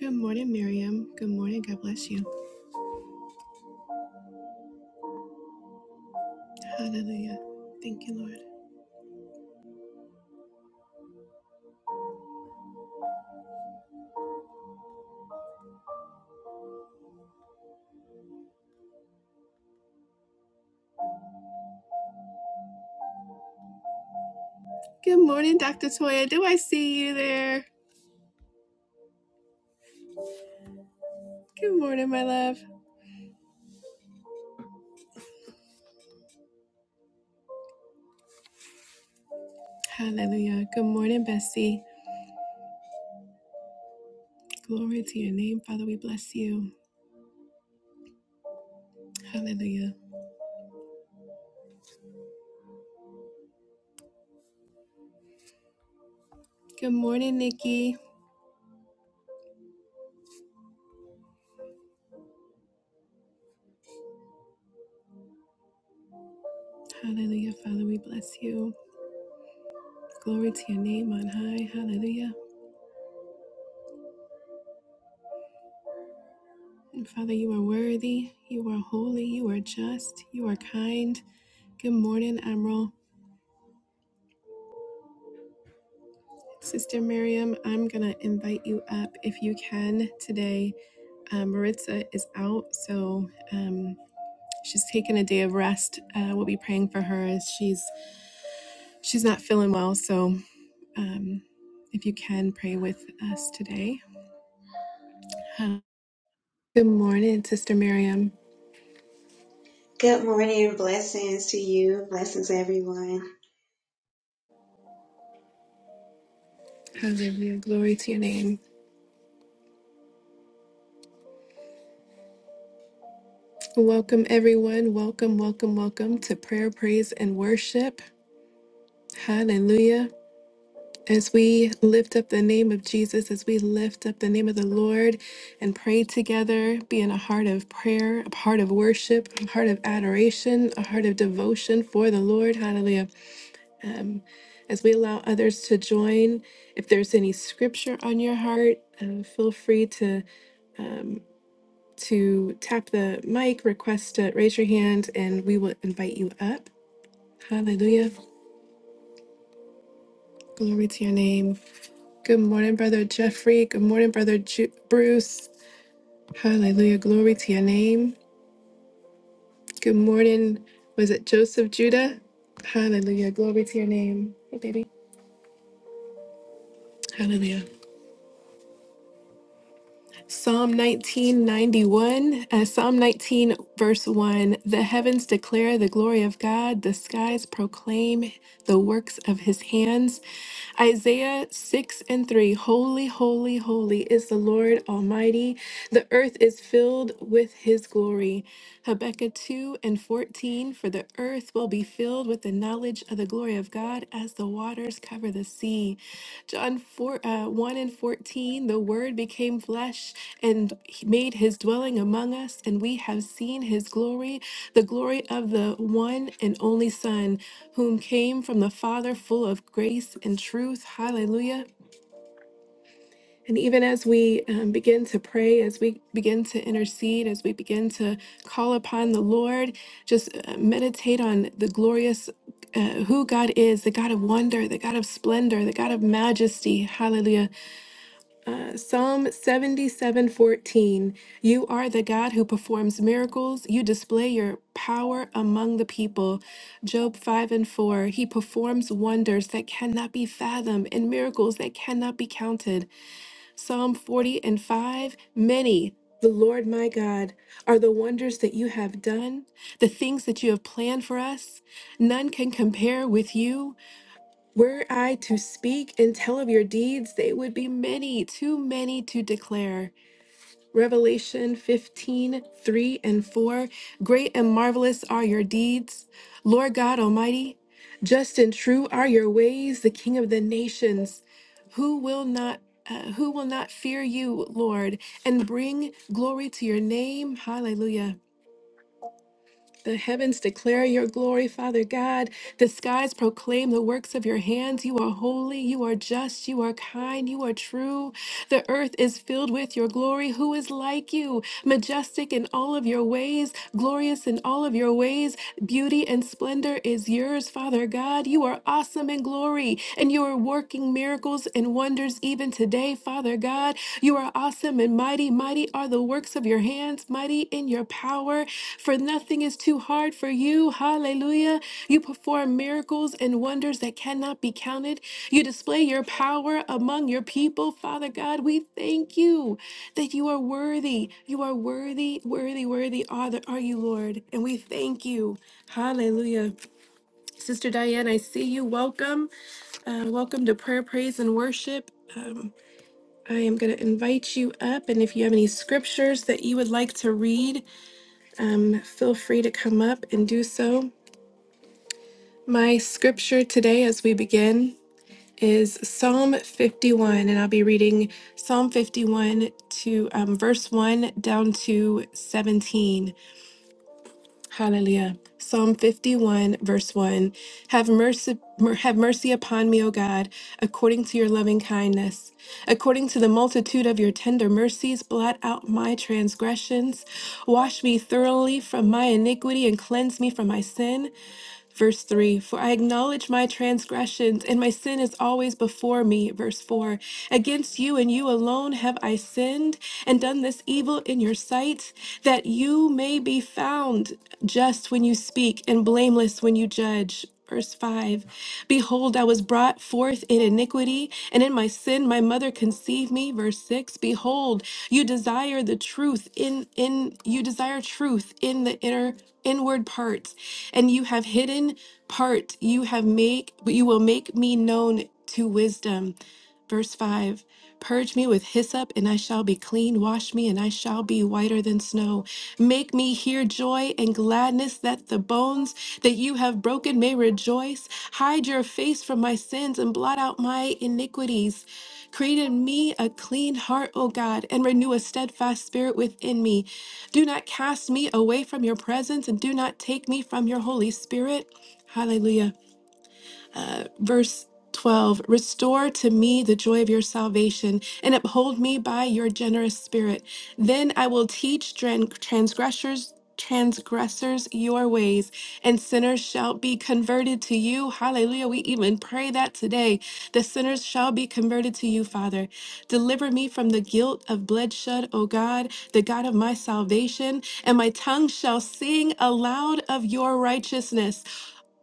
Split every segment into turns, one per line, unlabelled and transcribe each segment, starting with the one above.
Good morning, Miriam. Good morning. God bless you. Hallelujah. Thank you, Lord. Good morning, Dr. Toya. Do I see you there? Good morning, my love. Hallelujah. Good morning, Bessie. Glory to your name, Father. We bless you. Hallelujah. Good morning, Nikki. Hallelujah, Father. We bless you. Glory to your name on high. Hallelujah. And Father, you are worthy. You are holy. You are just. You are kind. Good morning, Emerald. Sister Miriam, I'm going to invite you up if you can today. Um, Maritza is out, so um, she's taking a day of rest. Uh, we'll be praying for her as she's she's not feeling well. So um, if you can pray with us today. Uh, Good morning, Sister Miriam.
Good morning, blessings to you, blessings everyone.
Hallelujah. Glory to your name. Welcome, everyone. Welcome, welcome, welcome to prayer, praise, and worship. Hallelujah. As we lift up the name of Jesus, as we lift up the name of the Lord and pray together, be in a heart of prayer, a heart of worship, a heart of adoration, a heart of devotion for the Lord. Hallelujah. Um, as we allow others to join, if there's any scripture on your heart, uh, feel free to um, to tap the mic, request to raise your hand, and we will invite you up. Hallelujah. Glory to your name. Good morning, Brother Jeffrey. Good morning, Brother Ju- Bruce. Hallelujah. Glory to your name. Good morning. Was it Joseph Judah? Hallelujah. Glory to your name. Hey, baby. Hallelujah. Psalm 1991, uh, Psalm 19, verse 1 The heavens declare the glory of God, the skies proclaim the works of his hands. Isaiah 6 and 3 Holy, holy, holy is the Lord Almighty. The earth is filled with his glory. Habakkuk 2 and 14 For the earth will be filled with the knowledge of the glory of God as the waters cover the sea. John 4, uh, 1 and 14 The word became flesh and he made his dwelling among us, and we have seen his glory, the glory of the one and only Son, whom came from the Father, full of grace and truth. Hallelujah. And even as we um, begin to pray, as we begin to intercede, as we begin to call upon the Lord, just uh, meditate on the glorious uh, who God is, the God of wonder, the God of splendor, the God of majesty. Hallelujah. Uh, Psalm 77:14 You are the God who performs miracles. You display your power among the people. Job 5 and 4 He performs wonders that cannot be fathomed and miracles that cannot be counted. Psalm 40 and 5 Many the Lord my God are the wonders that you have done, the things that you have planned for us. None can compare with you. Were I to speak and tell of your deeds, they would be many, too many to declare. Revelation 15 3 and 4. Great and marvelous are your deeds, Lord God Almighty. Just and true are your ways, the King of the nations. Who will not uh, who will not fear you, Lord, and bring glory to your name? Hallelujah. The heavens declare your glory, Father God. The skies proclaim the works of your hands. You are holy, you are just, you are kind, you are true. The earth is filled with your glory. Who is like you? Majestic in all of your ways, glorious in all of your ways. Beauty and splendor is yours, Father God. You are awesome in glory, and you are working miracles and wonders even today, Father God. You are awesome and mighty. Mighty are the works of your hands, mighty in your power. For nothing is too hard for you. Hallelujah. You perform miracles and wonders that cannot be counted. You display your power among your people. Father God, we thank you that you are worthy. You are worthy, worthy, worthy are, the, are you, Lord. And we thank you. Hallelujah. Sister Diane, I see you. Welcome. Uh, welcome to prayer, praise, and worship. Um, I am going to invite you up, and if you have any scriptures that you would like to read, um, feel free to come up and do so. My scripture today, as we begin, is Psalm 51, and I'll be reading Psalm 51 to um, verse 1 down to 17. Hallelujah. Psalm 51, verse 1. Have mercy, mer- have mercy upon me, O God, according to your loving kindness. According to the multitude of your tender mercies, blot out my transgressions. Wash me thoroughly from my iniquity and cleanse me from my sin. Verse 3 For I acknowledge my transgressions, and my sin is always before me. Verse 4 Against you and you alone have I sinned and done this evil in your sight, that you may be found just when you speak and blameless when you judge. Verse 5 Behold, I was brought forth in iniquity, and in my sin my mother conceived me. Verse 6 Behold, you desire the truth in in you desire truth in the inner inward parts and you have hidden part you have make but you will make me known to wisdom verse 5 purge me with hyssop and i shall be clean wash me and i shall be whiter than snow make me hear joy and gladness that the bones that you have broken may rejoice hide your face from my sins and blot out my iniquities create in me a clean heart o god and renew a steadfast spirit within me do not cast me away from your presence and do not take me from your Holy Spirit. Hallelujah. Uh, verse 12 Restore to me the joy of your salvation and uphold me by your generous spirit. Then I will teach tran- transgressors. Transgressors, your ways, and sinners shall be converted to you. Hallelujah. We even pray that today. The sinners shall be converted to you, Father. Deliver me from the guilt of bloodshed, O God, the God of my salvation, and my tongue shall sing aloud of your righteousness.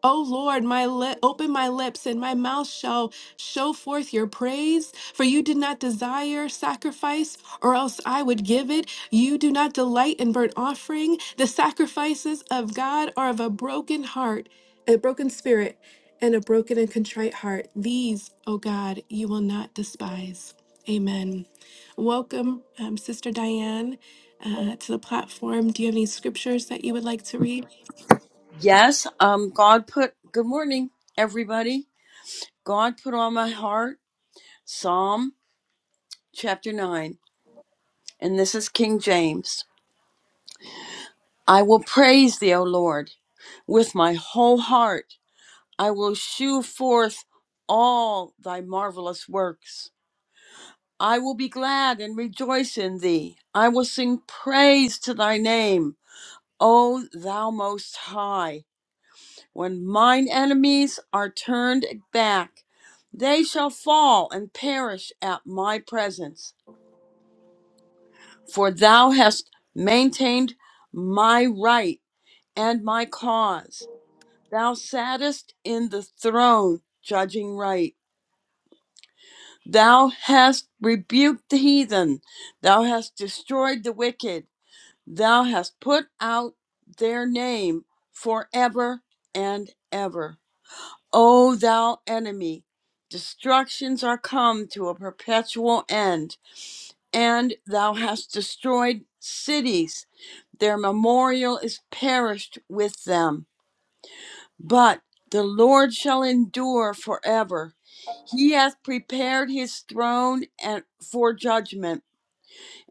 O Lord, my lip, open my lips, and my mouth shall show forth your praise. For you did not desire sacrifice, or else I would give it. You do not delight in burnt offering. The sacrifices of God are of a broken heart, a broken spirit, and a broken and contrite heart. These, O God, you will not despise. Amen. Welcome, um, Sister Diane uh, to the platform. Do you have any scriptures that you would like to read?
Yes, um, God put, good morning, everybody. God put on my heart Psalm chapter 9, and this is King James. I will praise thee, O Lord, with my whole heart. I will shew forth all thy marvelous works. I will be glad and rejoice in thee. I will sing praise to thy name, O thou most high. When mine enemies are turned back, they shall fall and perish at my presence. For thou hast maintained my right and my cause. Thou sattest in the throne, judging right. Thou hast rebuked the heathen. Thou hast destroyed the wicked. Thou hast put out their name forever and ever. O thou enemy, destructions are come to a perpetual end, and thou hast destroyed cities. Their memorial is perished with them. But the Lord shall endure forever. He hath prepared his throne and for judgment,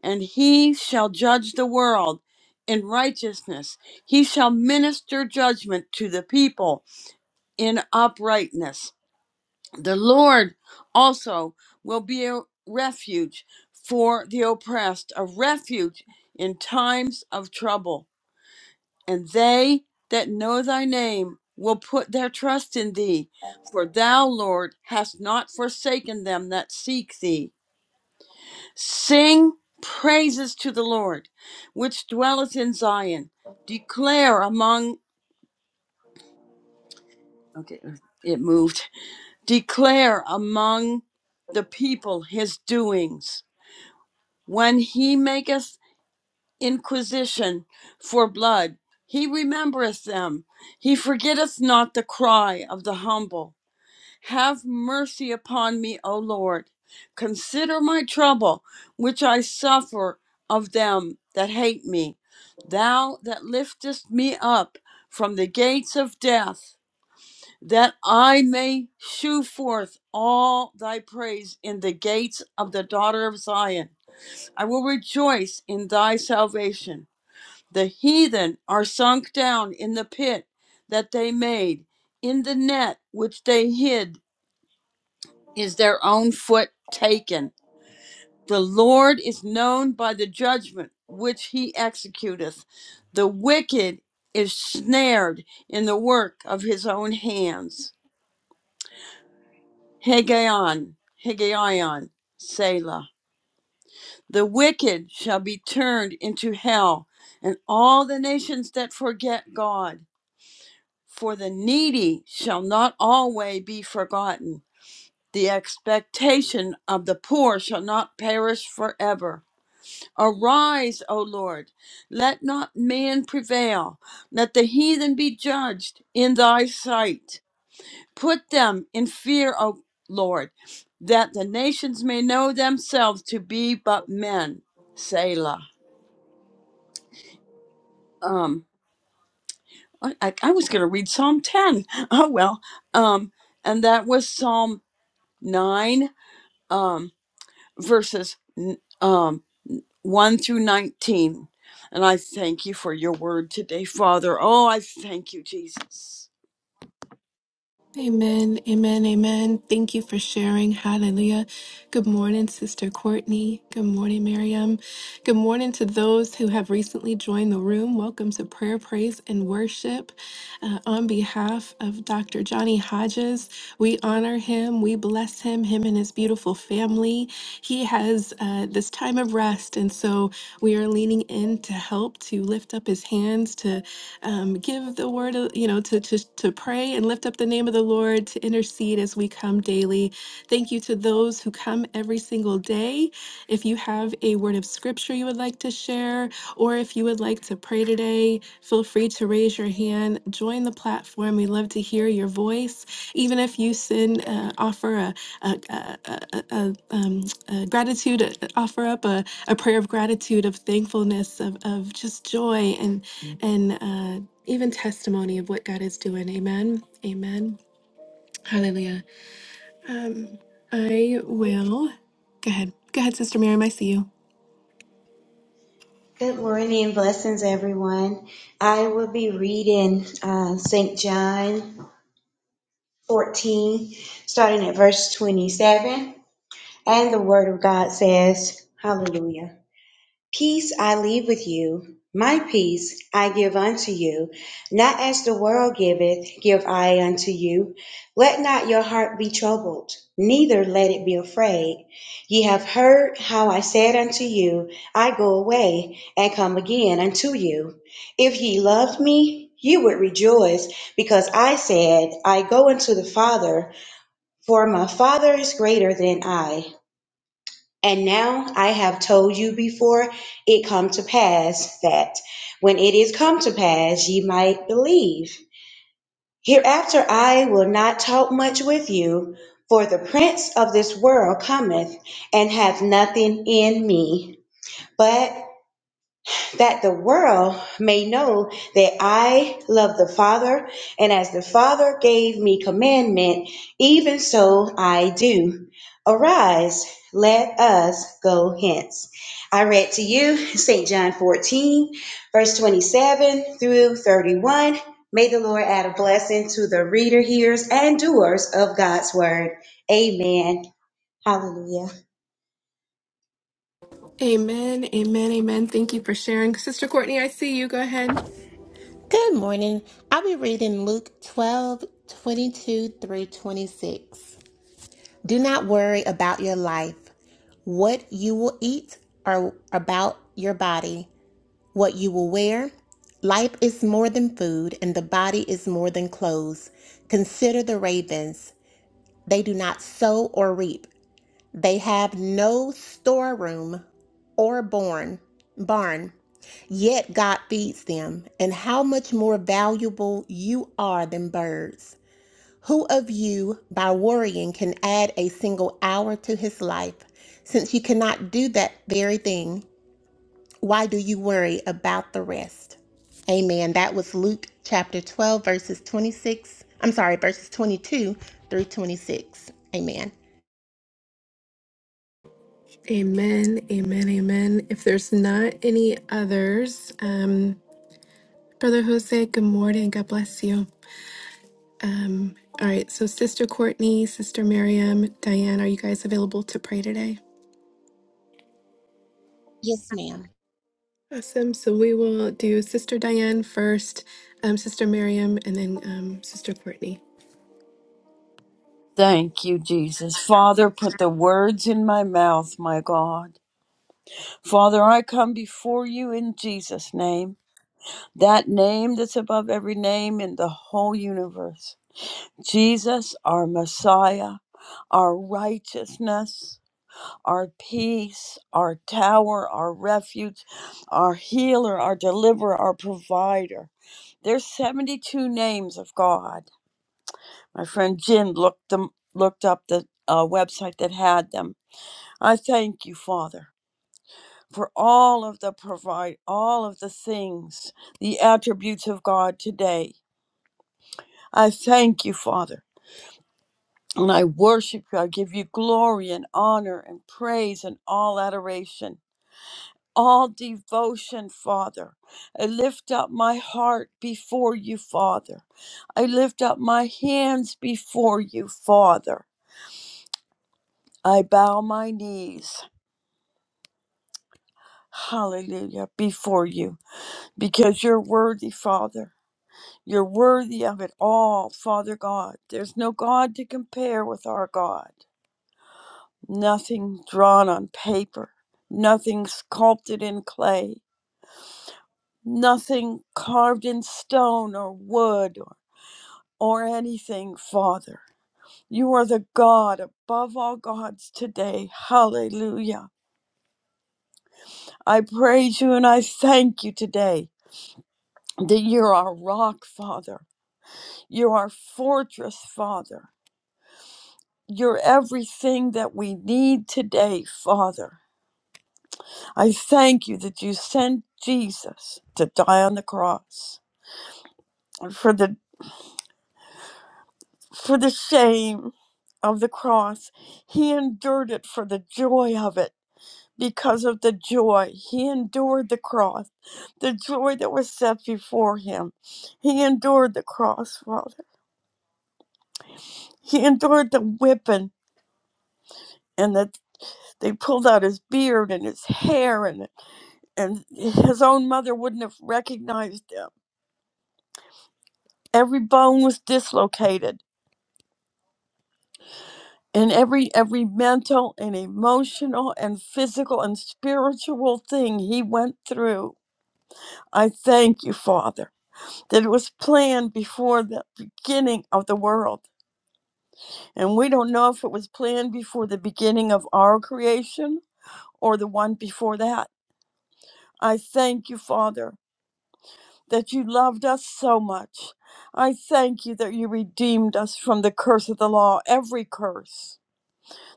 and he shall judge the world in righteousness. He shall minister judgment to the people in uprightness. The Lord also will be a refuge for the oppressed, a refuge in times of trouble. And they that know thy name will put their trust in thee, for thou, Lord, hast not forsaken them that seek thee. Sing praises to the Lord, which dwelleth in Zion. Declare among, okay, it moved. Declare among the people his doings When he maketh inquisition for blood, he remembereth them. He forgetteth not the cry of the humble. Have mercy upon me, O Lord. Consider my trouble, which I suffer of them that hate me. Thou that liftest me up from the gates of death, that I may shew forth all thy praise in the gates of the daughter of Zion. I will rejoice in thy salvation. The heathen are sunk down in the pit that they made, in the net which they hid is their own foot taken. The Lord is known by the judgment which he executeth. The wicked is snared in the work of his own hands. Hegion, Hegion, Selah. The wicked shall be turned into hell, and all the nations that forget God. For the needy shall not always be forgotten. The expectation of the poor shall not perish forever. Arise, O Lord, let not man prevail. Let the heathen be judged in thy sight. Put them in fear, O Lord, that the nations may know themselves to be but men. Selah. um I, I I was going to read Psalm 10. Oh well. Um and that was Psalm 9 um verses n- um 1 through 19. And I thank you for your word today, Father. Oh, I thank you, Jesus.
Amen, amen, amen. Thank you for sharing. Hallelujah. Good morning, Sister Courtney. Good morning, Miriam. Good morning to those who have recently joined the room. Welcome to Prayer, Praise, and Worship. Uh, on behalf of Dr. Johnny Hodges, we honor him, we bless him, him and his beautiful family. He has uh, this time of rest, and so we are leaning in to help to lift up his hands, um, give the word, of- you know, to, to, to pray and lift up the name of the Lord, to intercede as we come daily. Thank you to those who come every single day. If you have a word of scripture you would like to share, or if you would like to pray today, feel free to raise your hand. Join the platform. We love to hear your voice. Even if you send, uh, offer a, a, a, a, a, a, um, a gratitude, uh, offer up a, a prayer of gratitude, of thankfulness, of, of just joy and and uh, even testimony of what God is doing. Amen. Amen. Hallelujah. I will go ahead. Go ahead, Sister Miriam. I see you.
Good morning, blessings everyone. I will be reading uh, St. John 14, starting at verse 27. And the Word of God says, Hallelujah. Peace I leave with you, my peace I give unto you. Not as the world giveth, give I unto you. Let not your heart be troubled, neither let it be afraid. Ye have heard how I said unto you, I go away and come again unto you. If ye loved me, ye would rejoice, because I said, I go unto the Father, for my Father is greater than I and now I have told you before it come to pass that when it is come to pass ye might believe. Hereafter I will not talk much with you, for the prince of this world cometh and hath nothing in me. But that the world may know that I love the Father, and as the Father gave me commandment, even so I do. Arise, let us go hence. I read to you St. John 14, verse 27 through 31. May the Lord add a blessing to the reader, hearers, and doers of God's word. Amen. Hallelujah.
Amen. Amen. Amen. Thank you for sharing, Sister Courtney. I see you. Go ahead.
Good morning. I'll be reading Luke 12 22 through 26. Do not worry about your life, what you will eat, or about your body, what you will wear. Life is more than food, and the body is more than clothes. Consider the ravens. They do not sow or reap, they have no storeroom or barn. barn. Yet God feeds them, and how much more valuable you are than birds. Who of you, by worrying, can add a single hour to his life? Since you cannot do that very thing, why do you worry about the rest? Amen. That was Luke chapter 12, verses 26. I'm sorry, verses 22 through 26. Amen.
Amen. Amen. Amen. If there's not any others, um, Brother Jose, good morning. God bless you. Um, all right, so Sister Courtney, Sister Miriam, Diane, are you guys available to pray today?
Yes, ma'am.
Awesome. So we will do Sister Diane first, um, Sister Miriam, and then um, Sister Courtney.
Thank you, Jesus. Father, put the words in my mouth, my God. Father, I come before you in Jesus' name, that name that's above every name in the whole universe. Jesus, our Messiah, our righteousness, our peace, our tower, our refuge, our healer, our deliverer, our provider. There's 72 names of God. My friend Jim looked them looked up the uh, website that had them. I thank you, Father, for all of the provide all of the things, the attributes of God today. I thank you, Father. And I worship you. I give you glory and honor and praise and all adoration, all devotion, Father. I lift up my heart before you, Father. I lift up my hands before you, Father. I bow my knees, hallelujah, before you, because you're worthy, Father. You're worthy of it all, Father God. There's no God to compare with our God. nothing drawn on paper, nothing sculpted in clay, nothing carved in stone or wood or, or anything, Father. You are the God above all gods today. Hallelujah. I praise you and I thank you today that you're our rock, Father. You're our fortress, Father. You're everything that we need today, Father. I thank you that you sent Jesus to die on the cross. for the for the shame of the cross he endured it for the joy of it because of the joy he endured the cross the joy that was set before him he endured the cross father he endured the whipping and that they pulled out his beard and his hair and and his own mother wouldn't have recognized him every bone was dislocated and every every mental and emotional and physical and spiritual thing he went through i thank you father that it was planned before the beginning of the world and we don't know if it was planned before the beginning of our creation or the one before that i thank you father that you loved us so much i thank you that you redeemed us from the curse of the law every curse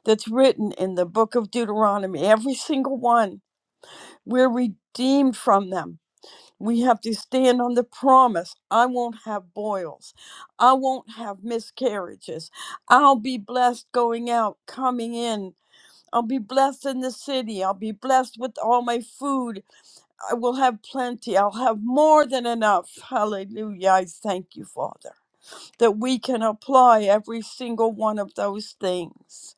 that's written in the book of Deuteronomy, every single one We're redeemed from them. We have to stand on the promise I won't have boils, I won't have miscarriages. I'll be blessed going out, coming in. I'll be blessed in the city. I'll be blessed with all my food. I will have plenty. I'll have more than enough. Hallelujah. I thank you, Father, that we can apply every single one of those things.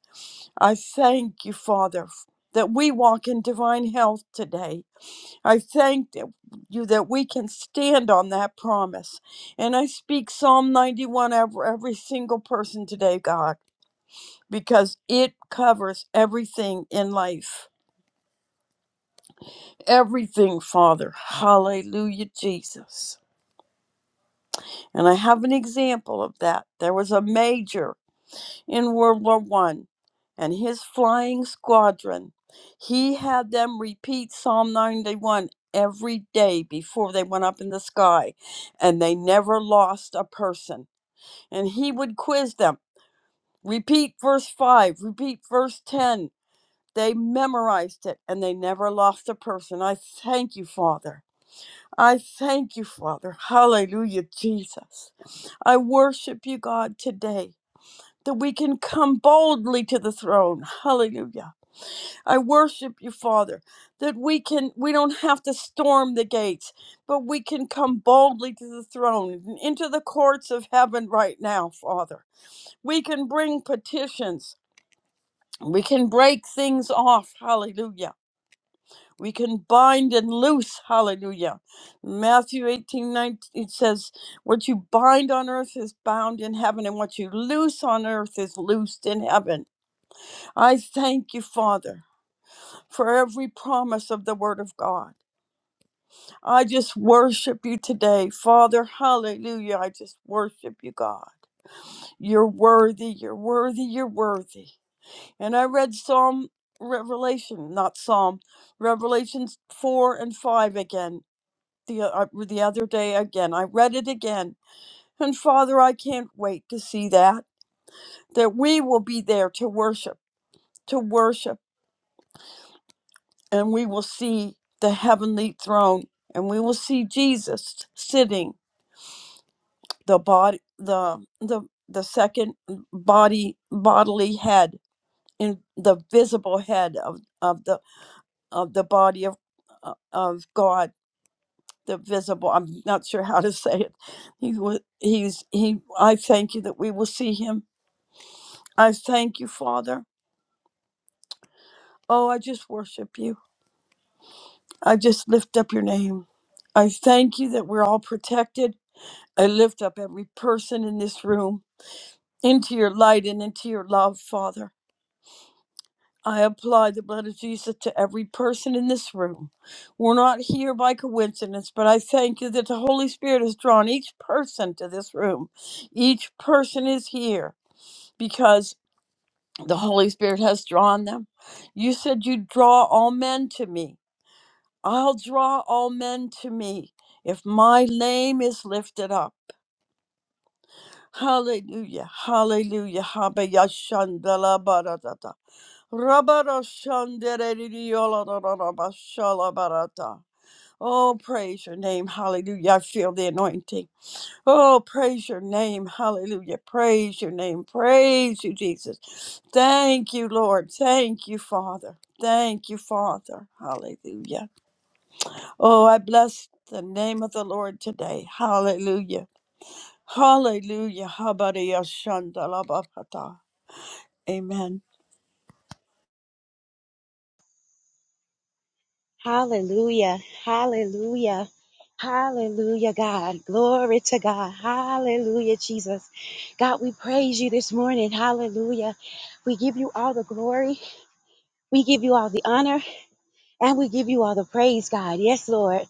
I thank you, Father, that we walk in divine health today I thank th- you that we can stand on that promise. And I speak Psalm 91 over every single person today, God, because it covers everything in life. Everything, Father. Hallelujah, Jesus. And I have an example of that. There was a major. in World War One and his flying squadron. He had them repeat Psalm 91 every day before they went up in the sky, and they never lost a person. And he would quiz them repeat verse 5, repeat verse 10. They memorized it and they never lost a person. I thank you, Father. I thank you, Father. Hallelujah, Jesus. I worship you, God, today that we can come boldly to the throne. Hallelujah. I worship you, Father, that we can we don't have to storm the gates, but we can come boldly to the throne and into the courts of heaven right now, Father. We can bring petitions. We can break things off. Hallelujah. We can bind and loose. Hallelujah. Matthew 18:19. it says, What you bind on earth is bound in heaven, and what you loose on earth is loosed in heaven. I thank you, Father, for every promise of the Word of God. I just worship you today, Father. Hallelujah. I just worship you, God. You're worthy, you're worthy, you're worthy. And I read Psalm Revelation, not Psalm, Revelations 4 and 5 again the, uh, the other day again. I read it again. And Father, I can't wait to see that, that we will be there to worship, to worship and we will see the heavenly throne and we will see Jesus sitting the body the the the second body bodily head in the visible head of of the of the body of uh, of God the visible I'm not sure how to say it he was he's he I thank you that we will see him I thank you father oh I just worship you I just lift up your name I thank you that we're all protected I lift up every person in this room into your light and into your love, Father. I apply the blood of Jesus to every person in this room. We're not here by coincidence, but I thank you that the Holy Spirit has drawn each person to this room. Each person is here because the Holy Spirit has drawn them. You said you'd draw all men to me. I'll draw all men to me if my name is lifted up. Hallelujah, hallelujah, habeya shandala baratata. Rabara shandere da da da ba barata. Oh, praise your name, hallelujah. I feel the anointing. Oh, praise your name, hallelujah. Praise your name, praise you, Jesus. Thank you, Lord. Thank you, Father. Thank you, Father. Hallelujah. Oh, I bless the name of the Lord today. Hallelujah. Hallelujah. Habariyashandalabakata. Amen.
Hallelujah. Hallelujah. Hallelujah, God. Glory to God. Hallelujah, Jesus. God, we praise you this morning. Hallelujah. We give you all the glory. We give you all the honor and we give you all the praise, God. Yes, Lord.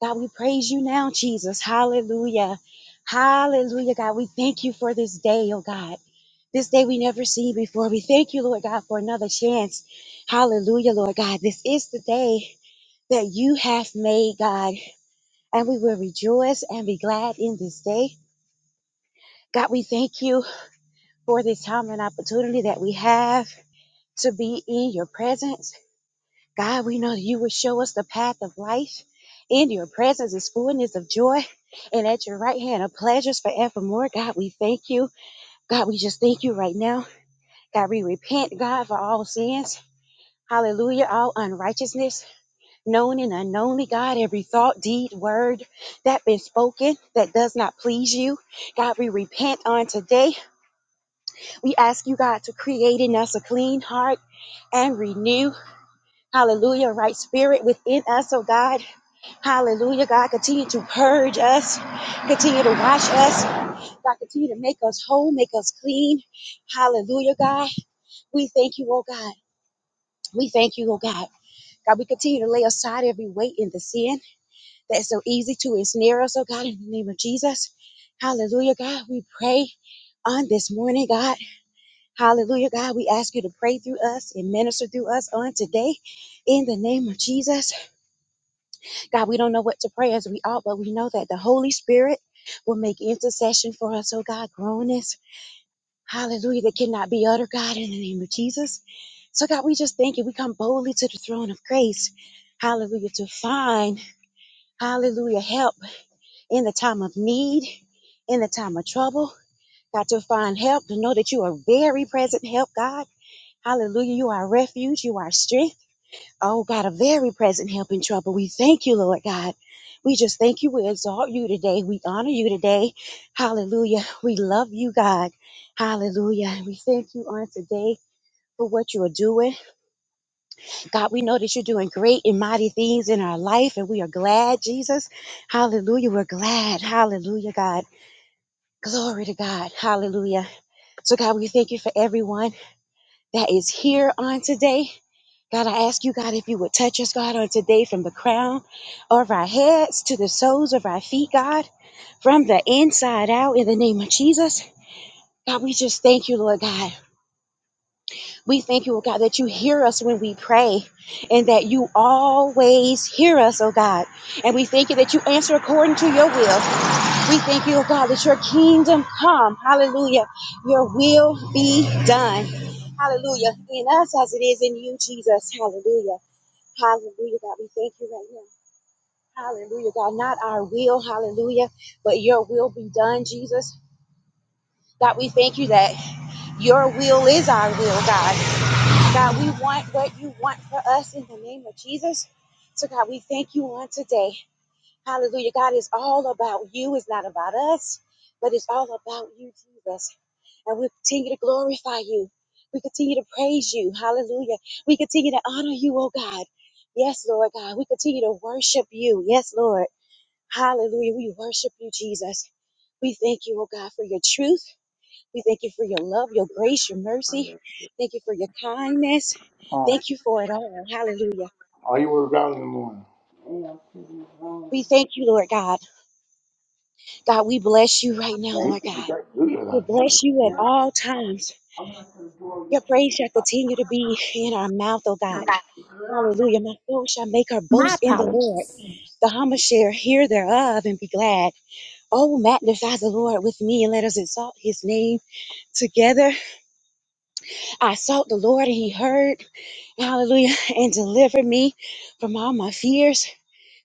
God, we praise you now, Jesus. Hallelujah. Hallelujah, God. We thank you for this day, oh God. This day we never seen before. We thank you, Lord God, for another chance. Hallelujah, Lord God. This is the day that you have made, God, and we will rejoice and be glad in this day. God, we thank you for this time and opportunity that we have to be in your presence. God, we know that you will show us the path of life. In your presence is fullness of joy, and at your right hand are pleasures forevermore. God, we thank you. God, we just thank you right now. God, we repent, God, for all sins. Hallelujah, all unrighteousness. known and unknownly, God, every thought, deed, word that been spoken that does not please you. God, we repent on today. We ask you, God, to create in us a clean heart and renew, hallelujah, right spirit within us, oh God. Hallelujah, God, continue to purge us, continue to wash us, God, continue to make us whole, make us clean. Hallelujah, God. We thank you, oh God. We thank you, oh God. God, we continue to lay aside every weight in the sin. that's so easy to ensnare us, oh God, in the name of Jesus. Hallelujah, God. We pray on this morning, God. Hallelujah, God. We ask you to pray through us and minister through us on today in the name of Jesus. God, we don't know what to pray as we ought, but we know that the Holy Spirit will make intercession for us, oh God, groanings. Hallelujah, that cannot be uttered, God, in the name of Jesus. So, God, we just thank you. We come boldly to the throne of grace. Hallelujah, to find, hallelujah, help in the time of need, in the time of trouble. got to find help, to know that you are very present help, God. Hallelujah. You are refuge. You are strength. Oh, God, a very present help in trouble. We thank you, Lord God. We just thank you. We exalt you today. We honor you today. Hallelujah. We love you, God. Hallelujah. We thank you on today for what you are doing. God, we know that you're doing great and mighty things in our life, and we are glad, Jesus. Hallelujah. We're glad. Hallelujah, God. Glory to God. Hallelujah. So, God, we thank you for everyone that is here on today. God, I ask you, God, if you would touch us, God, on today from the crown of our heads to the soles of our feet, God, from the inside out in the name of Jesus. God, we just thank you, Lord God. We thank you, oh God, that you hear us when we pray and that you always hear us, oh God. And we thank you that you answer according to your will. We thank you, oh God, that your kingdom come. Hallelujah. Your will be done. Hallelujah. In us as it is in you, Jesus. Hallelujah. Hallelujah, God. We thank you right now. Hallelujah, God. Not our will, hallelujah, but your will be done, Jesus. God, we thank you that your will is our will, God. God, we want what you want for us in the name of Jesus. So, God, we thank you on today. Hallelujah. God, it's all about you. It's not about us, but it's all about you, Jesus. And we continue to glorify you. We continue to praise you. Hallelujah. We continue to honor you, oh God. Yes, Lord God. We continue to worship you. Yes, Lord. Hallelujah. We worship you, Jesus. We thank you, oh God, for your truth. We thank you for your love, your grace, your mercy. Thank you for your kindness.
Oh,
Thank you for it all. Hallelujah.
are you worried about in the morning?
We thank you, Lord God. God, we bless you right now,
Well, you
Lord
can
God.
get good
We
without that.
bless you at all times. Your praise shall continue to be in our mouth, oh God. Hallelujah. My soul shall make her boast in the Lord. The humble share hear thereof and be glad. Oh, magnify the Lord with me and let us exalt his name together. I sought the Lord and he heard. Hallelujah. And delivered me from all my fears.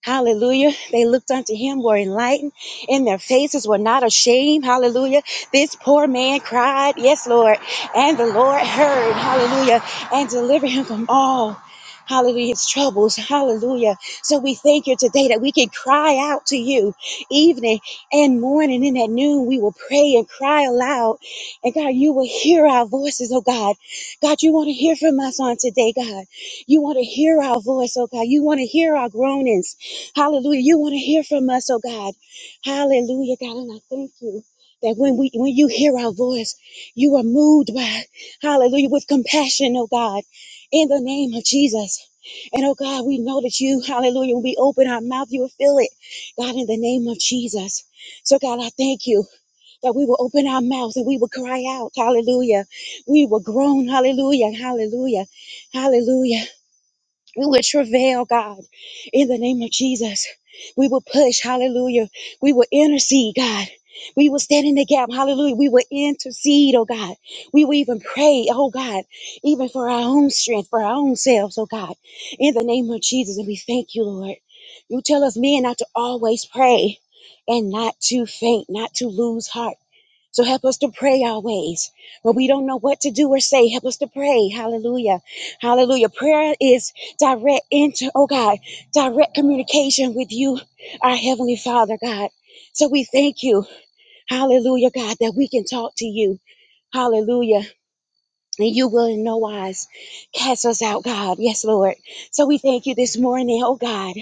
Hallelujah. They looked unto him, were enlightened, and their faces were not ashamed. Hallelujah. This poor man cried, Yes, Lord. And the Lord heard, Hallelujah, and delivered him from all. Hallelujah, his troubles. Hallelujah. So we thank you today that we can cry out to you evening and morning and at noon. We will pray and cry aloud. And God, you will hear our voices, oh God. God, you want to hear from us on today, God. You want to hear our voice, oh God. You want to hear our groanings. Hallelujah. You want to hear from us, oh God. Hallelujah, God. And I thank you that when we when you hear our voice, you are moved by hallelujah with compassion, oh God, in the name of Jesus. And oh God, we know that you, hallelujah, when we open our mouth, you will fill it, God, in the name of Jesus. So, God, I thank you that we will open our mouth and we will cry out, hallelujah. We will groan, hallelujah, hallelujah, hallelujah. We will travail, God, in the name of Jesus. We will push, hallelujah. We will intercede, God. We will stand in the gap, hallelujah. We will intercede, oh God. We will even pray, oh God, even for our own strength, for our own selves, oh God, in the name of Jesus. And we thank you, Lord. You tell us men not to always pray and not to faint, not to lose heart. So help us to pray our ways. When we don't know what to do or say, help us to pray. Hallelujah. Hallelujah. Prayer is direct inter oh God, direct communication with you, our Heavenly Father, God. So we thank you. Hallelujah, God, that we can talk to you. Hallelujah. And you will in no wise cast us out, God. Yes, Lord. So we thank you this morning, oh God.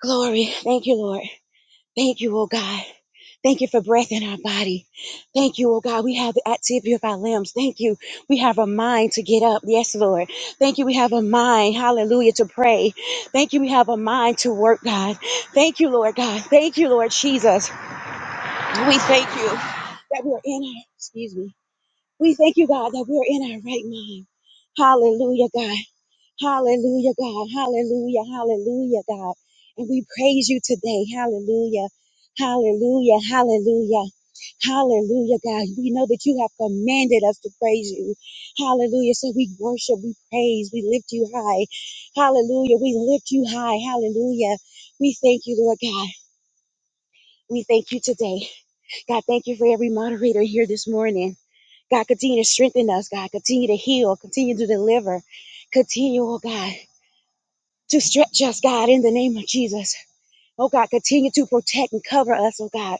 Glory. Thank you, Lord. Thank you, oh God. Thank you for breath in our body. Thank you, oh God. We have the activity of our limbs. Thank you. We have a mind to get up. Yes, Lord. Thank you. We have a mind, hallelujah, to pray. Thank you. We have a mind to work, God. Thank you, Lord God. Thank you, Lord Jesus. We thank you that we're in our, excuse me. We thank you, God, that we're in our right mind. Hallelujah, God. Hallelujah, God. Hallelujah. Hallelujah, God. And we praise you today. Hallelujah. Hallelujah. Hallelujah. Hallelujah, God. We know that you have commanded us to praise you. Hallelujah. So we worship, we praise, we lift you high. Hallelujah. We lift you high. Hallelujah. We thank you, Lord God. We thank you today. God, thank you for every moderator here this morning. God, continue to strengthen us. God, continue to heal, continue to deliver. Continue, oh God to stretch us, God, in the name of Jesus. Oh God, continue to protect and cover us, oh God,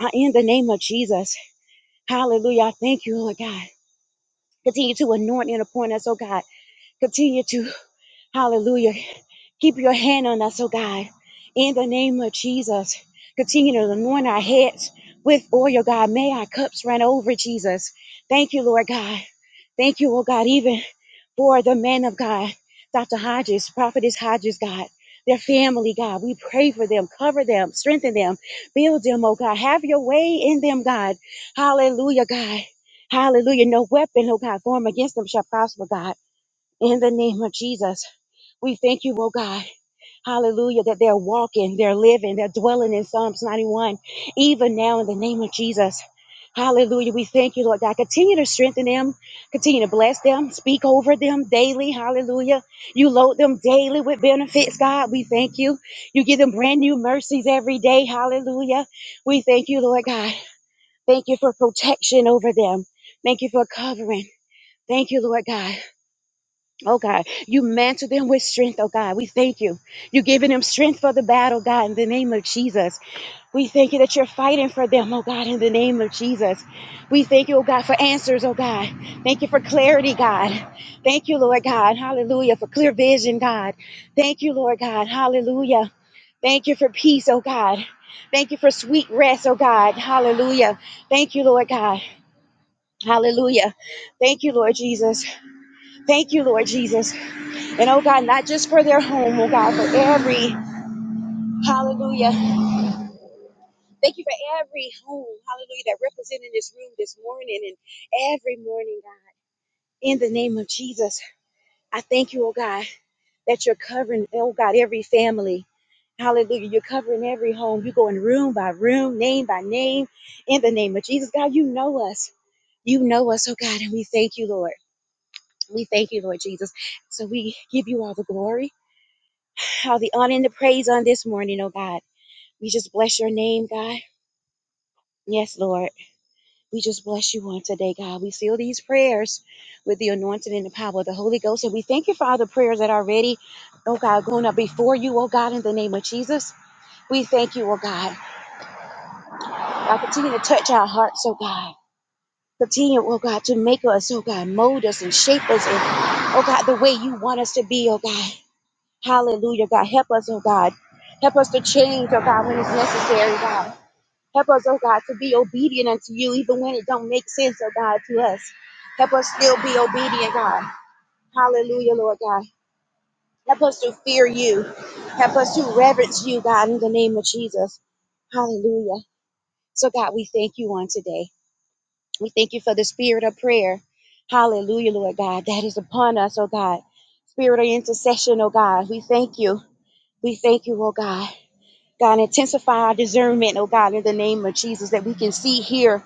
uh, in the name of Jesus. Hallelujah. I Thank you, Lord God. Continue to anoint and appoint us, oh God. Continue to, hallelujah. Keep your hand on us, oh God, in the name of Jesus. Continue to anoint our heads with oil, God. May our cups run over, Jesus. Thank you, Lord God. Thank you, oh God, even for the man of God, Dr. Hodges, Prophetess Hodges, God. Their family, God, we pray for them, cover them, strengthen them, build them, oh God. Have your way in them, God. Hallelujah, God. Hallelujah. No weapon, oh God, formed against them shall prosper, God. In the name of Jesus, we thank you, oh God. Hallelujah, that they're walking, they're living, they're dwelling in Psalms 91, even now in the name of Jesus. Hallelujah. We thank you, Lord God. Continue to strengthen them, continue to bless them, speak over them daily. Hallelujah. You load them daily with benefits, God. We thank you. You give them brand new mercies every day. Hallelujah. We thank you, Lord God. Thank you for protection over them. Thank you for covering. Thank you, Lord God. Oh God, you mantle them with strength, oh God. We thank you. You're giving them strength for the battle, God, in the name of Jesus. We thank you that you're fighting for them, oh God, in the name of Jesus. We thank you, oh God, for answers, oh God. Thank you for clarity, God. Thank you, Lord God. Hallelujah. For clear vision, God. Thank you, Lord God. Hallelujah. Thank you for peace, oh God. Thank you for sweet rest, oh God. Hallelujah. Thank you, Lord God. Hallelujah. Thank you, Lord Jesus. Thank you, Lord Jesus. And oh God, not just for their home, oh God, for every hallelujah. Thank you for every home, hallelujah, that represented in this room this morning and every morning, God. In the name of Jesus, I thank you, oh God, that you're covering, oh God, every family. Hallelujah. You're covering every home. You're going room by room, name by name. In the name of Jesus, God, you know us. You know us, oh God, and we thank you, Lord. We thank you, Lord Jesus. So we give you all the glory, all the honor, and the praise on this morning, oh God. We just bless your name, God. Yes, Lord. We just bless you on today, God. We seal these prayers with the anointing and the power of the Holy Ghost. And we thank you for all the prayers that are ready, oh God, going up before you, oh God, in the name of Jesus. We thank you, oh God. God, continue to touch our hearts, oh God. Continue, oh God, to make us, oh God, mold us and shape us, and oh God, the way you want us to be, oh God. Hallelujah, God. Help us, oh God. Help us to change, oh God, when it's necessary, God. Help us, oh God, to be obedient unto you, even when it don't make sense, oh God, to us. Help us still be obedient, God. Hallelujah, Lord God. Help us to fear you. Help us to reverence you, God, in the name of Jesus. Hallelujah. So, God, we thank you on today. We thank you for the spirit of prayer. Hallelujah, Lord God, that is upon us, oh God. Spirit of intercession, oh God. We thank you. We thank you, oh God. God, intensify our discernment, oh God, in the name of Jesus, that we can see, hear,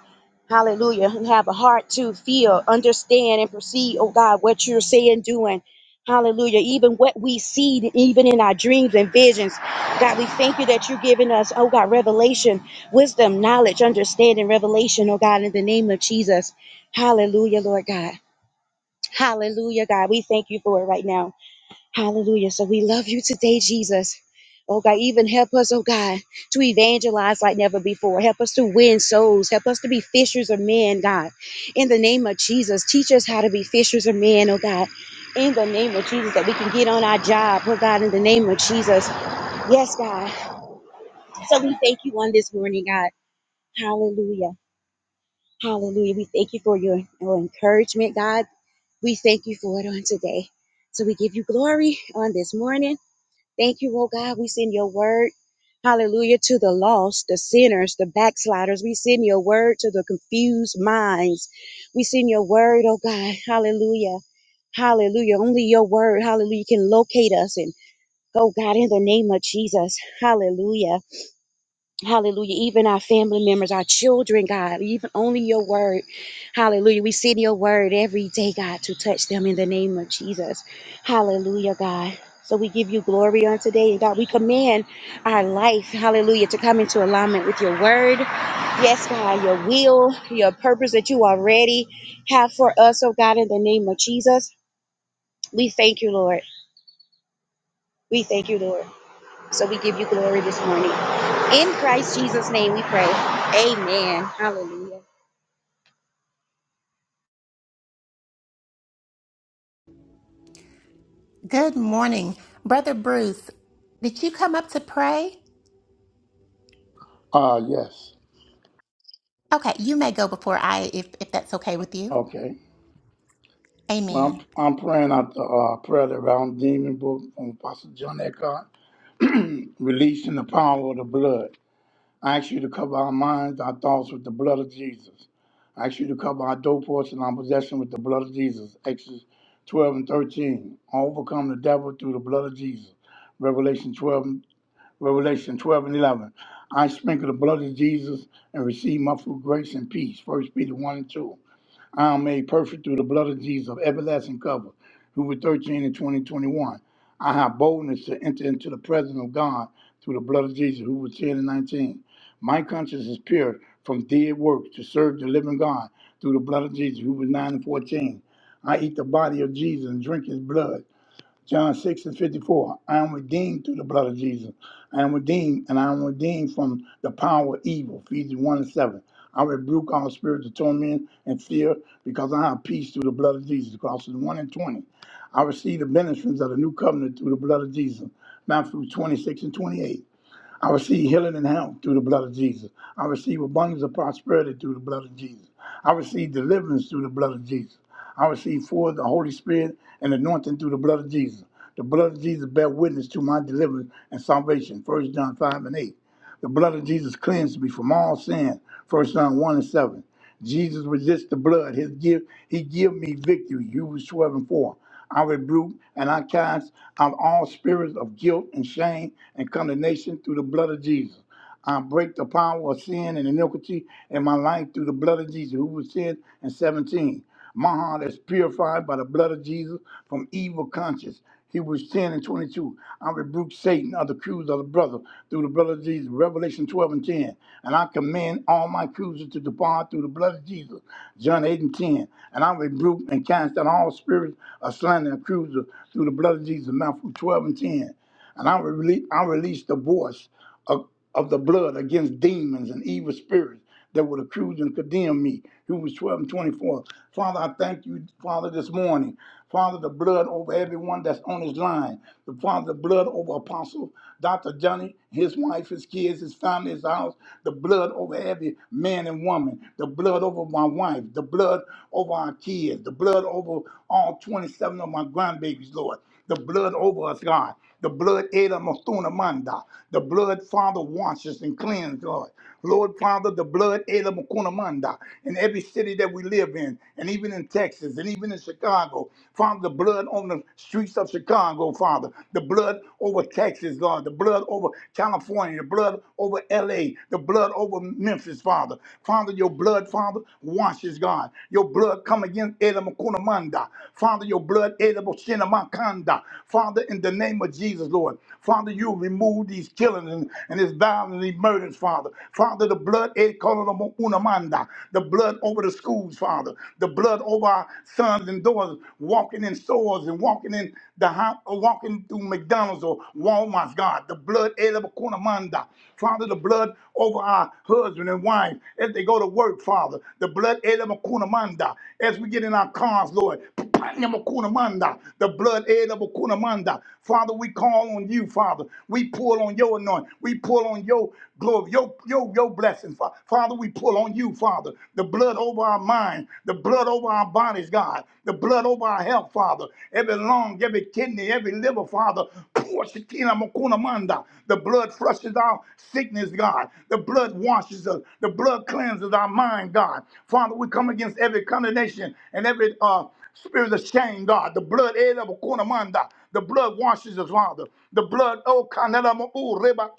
hallelujah, and have a heart to feel, understand, and perceive, oh God, what you're saying, doing. Hallelujah. Even what we see, even in our dreams and visions. God, we thank you that you're giving us, oh God, revelation, wisdom, knowledge, understanding, revelation, oh God, in the name of Jesus. Hallelujah, Lord God. Hallelujah, God. We thank you for it right now. Hallelujah. So we love you today, Jesus. Oh God, even help us, oh God, to evangelize like never before. Help us to win souls. Help us to be fishers of men, God. In the name of Jesus, teach us how to be fishers of men, oh God. In the name of Jesus, that we can get on our job, oh God, in the name of Jesus. Yes, God. So we thank you on this morning, God. Hallelujah. Hallelujah. We thank you for your, your encouragement, God. We thank you for it on today. So we give you glory on this morning. Thank you, oh God. We send your word, hallelujah, to the lost, the sinners, the backsliders. We send your word to the confused minds. We send your word, oh God, hallelujah, hallelujah. Only your word, hallelujah, can locate us. And oh God, in the name of Jesus, hallelujah. Hallelujah. Even our family members, our children, God, even only your word. Hallelujah. We send your word every day, God, to touch them in the name of Jesus. Hallelujah, God. So we give you glory on today. And God, we command our life, hallelujah, to come into alignment with your word. Yes, God, your will, your purpose that you already have for us, oh God, in the name of Jesus. We thank you, Lord. We thank you, Lord. So we give you glory this morning. In Christ Jesus' name we pray. Amen. Hallelujah.
Good morning. Brother Bruce, did you come up to pray?
Uh, yes.
Okay, you may go before I, if, if that's okay with you.
Okay.
Amen.
Well, I'm, I'm praying out the uh, prayer of The round demon book from Apostle John Eckhart, releasing the power of the blood. I ask you to cover our minds, our thoughts with the blood of Jesus. I ask you to cover our doorposts and our possession with the blood of Jesus. Exodus 12 and 13. Overcome the devil through the blood of Jesus. Revelation 12, Revelation 12 and 11. I sprinkle the blood of Jesus and receive my full grace and peace. First Peter 1 and 2. I am made perfect through the blood of Jesus, of everlasting cover. Hebrews 13 and 20 21. I have boldness to enter into the presence of God through the blood of Jesus, who 10 and 19. My conscience is pure from dead works to serve the living God through the blood of Jesus, who 9 and 14. I eat the body of Jesus and drink his blood. John 6 and 54. I am redeemed through the blood of Jesus. I am redeemed, and I am redeemed from the power of evil. Ephesians 1 and 7. I rebuke all spirits of torment and fear because I have peace through the blood of Jesus. Colossians 1 and 20. I receive the benefits of the new covenant through the blood of Jesus. Matthew 26 and 28. I receive healing and health through the blood of Jesus. I receive abundance of prosperity through the blood of Jesus. I receive deliverance through the blood of Jesus. I receive for the Holy Spirit and anointing through the blood of Jesus. The blood of Jesus bear witness to my deliverance and salvation. First John 5 and 8. The blood of Jesus cleansed me from all sin. First John 1 and 7. Jesus resists the blood. His give, he give me victory. Hebrews 12 and 4. I rebuke and I cast out all spirits of guilt and shame and condemnation through the blood of Jesus. I break the power of sin and iniquity in my life through the blood of Jesus, who was sin, and 17. My heart is purified by the blood of Jesus from evil conscience. Hebrews 10 and 22. I rebuke Satan, other accuser of the brother, through the blood of Jesus. Revelation 12 and 10. And I command all my accusers to depart through the blood of Jesus. John 8 and 10. And I rebuke and cast out all spirits of slander and accuser through the blood of Jesus. Matthew 12 and 10. And I release, I release the voice of, of the blood against demons and evil spirits that would accuse and condemn me. Hebrews 12 and 24. Father, I thank you, Father, this morning. Father, the blood over everyone that's on his line. The Father, the blood over Apostle Dr. Johnny, his wife, his kids, his family, his house. The blood over every man and woman. The blood over my wife. The blood over our kids. The blood over all 27 of my grandbabies, Lord. The blood over us, God. The blood Eda Mastuna Manda. The blood, Father, washes and cleanses, Lord. Lord, Father, the blood Eda Makuna Manda in every city that we live in, and even in Texas, and even in Chicago. Father, the blood on the streets of Chicago, Father. The blood over Texas, Lord. The blood over California. The blood over LA. The blood over Memphis, Father. Father, your blood, Father, washes, God. Your blood come against Eda Makuna Manda. Father, your blood Eda Boshina Makanda. Father, in the name name of Jesus, Lord. Father, you remove these killings and, and this violence and these murders, Father. Father, the blood, eh, call it a the blood over the schools, Father. The blood over our sons and daughters walking in stores and walking in the house, or walking through McDonald's or Walmart's, God. The blood, eh, la kunamanda. Father, the blood over our husband and wife as they go to work, Father. The blood, eh, la kunamanda. As we get in our cars, Lord, Panya Makuna Manda, the blood aid of Makuna Manda, God. Father, we call on you, Father. We pull on your anointing. We pull on your glory, your, your, your blessings, Father. Father, we pull on you, Father. The blood over our mind, the blood over our bodies, God. The blood over our health, Father. Every lung, every kidney, every liver, Father. Pour Makuna Manda. The blood flushes our sickness, God. The blood washes us. The blood cleanses our mind, God. Father, we come against every condemnation and every uh Spirit of shame, God. The blood, eh, la, bukuna, manda. the blood washes us, Father. The blood, oh, kanela, mo, oh, reba,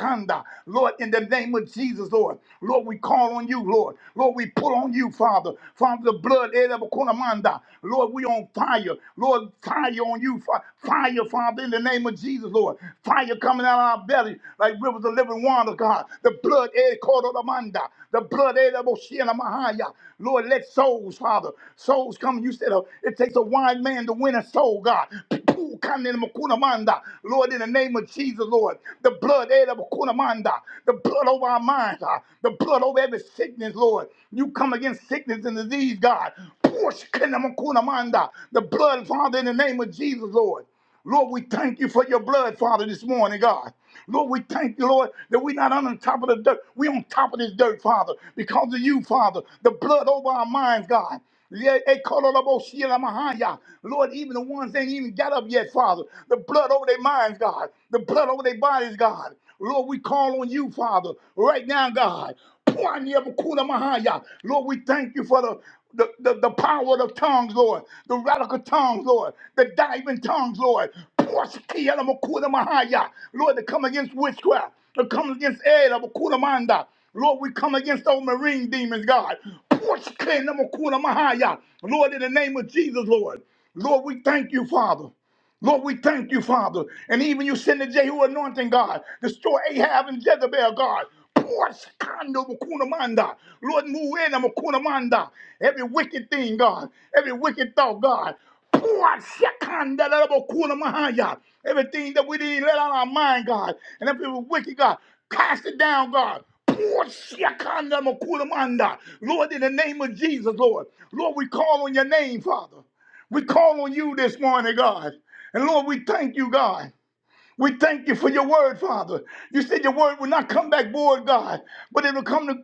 Lord, in the name of Jesus, Lord. Lord, we call on you, Lord. Lord, we pull on you, Father. Father, the blood, eh, la, bukuna, manda. Lord, we on fire. Lord, fire on you. Fire, Father, in the name of Jesus, Lord. Fire coming out of our belly like rivers of living water, God. The the blood, eh, Kodoramanda, the blood, eh, the Moshiach Mahaya. Lord, let souls, Father, souls come. You said uh, it takes a wise man to win a soul, God. Poo, kande makunamanda. Lord, in the name of Jesus, Lord, the blood, eh, the makunamanda, the blood over our minds, ah, the blood over every sickness, Lord. You come against sickness and disease, God. Push, kende makunamanda. The blood, Father, in the name of Jesus, Lord. Lord, we thank you for your blood, Father, this morning, God. Lord, we thank you, Lord, that we're not on top of the dirt. We're on top of this dirt, Father, because of you, Father. The blood over our minds, God. Yeah, eh, kololobosielamahaya. Lord, even the ones that ain't even got up yet, Father. The blood over their minds, God. The blood over their bodies, God. Lord, we call on you, Father, right now, God. Mahaya. Lord, we thank you for the, the, the, the power of tongues, Lord, the radical tongues, Lord, the diving tongues, Lord. Mahaya. Lord, to come against witchcraft, to come against air, Manda. Lord, we come against all marine demons, God. Lord, in the name of Jesus, Lord. Lord, we thank you, Father. Lord, we thank you, Father. And even you send the Jehu anointing, God. Destroy Ahab and Jezebel, God. Pour Shikando Makunamanda. Lord, move in on Makunamanda. Every wicked thing, God. Every wicked thought, God. Everything that we didn't let out of our mind, God. And every wicked, God. Cast it down, God. Lord, in the name of Jesus, Lord. Lord, we call on your name, Father. We call on you this morning, God. And Lord, we thank you, God. We thank you for your word, Father. You said your word will not come back void, God, but it'll come to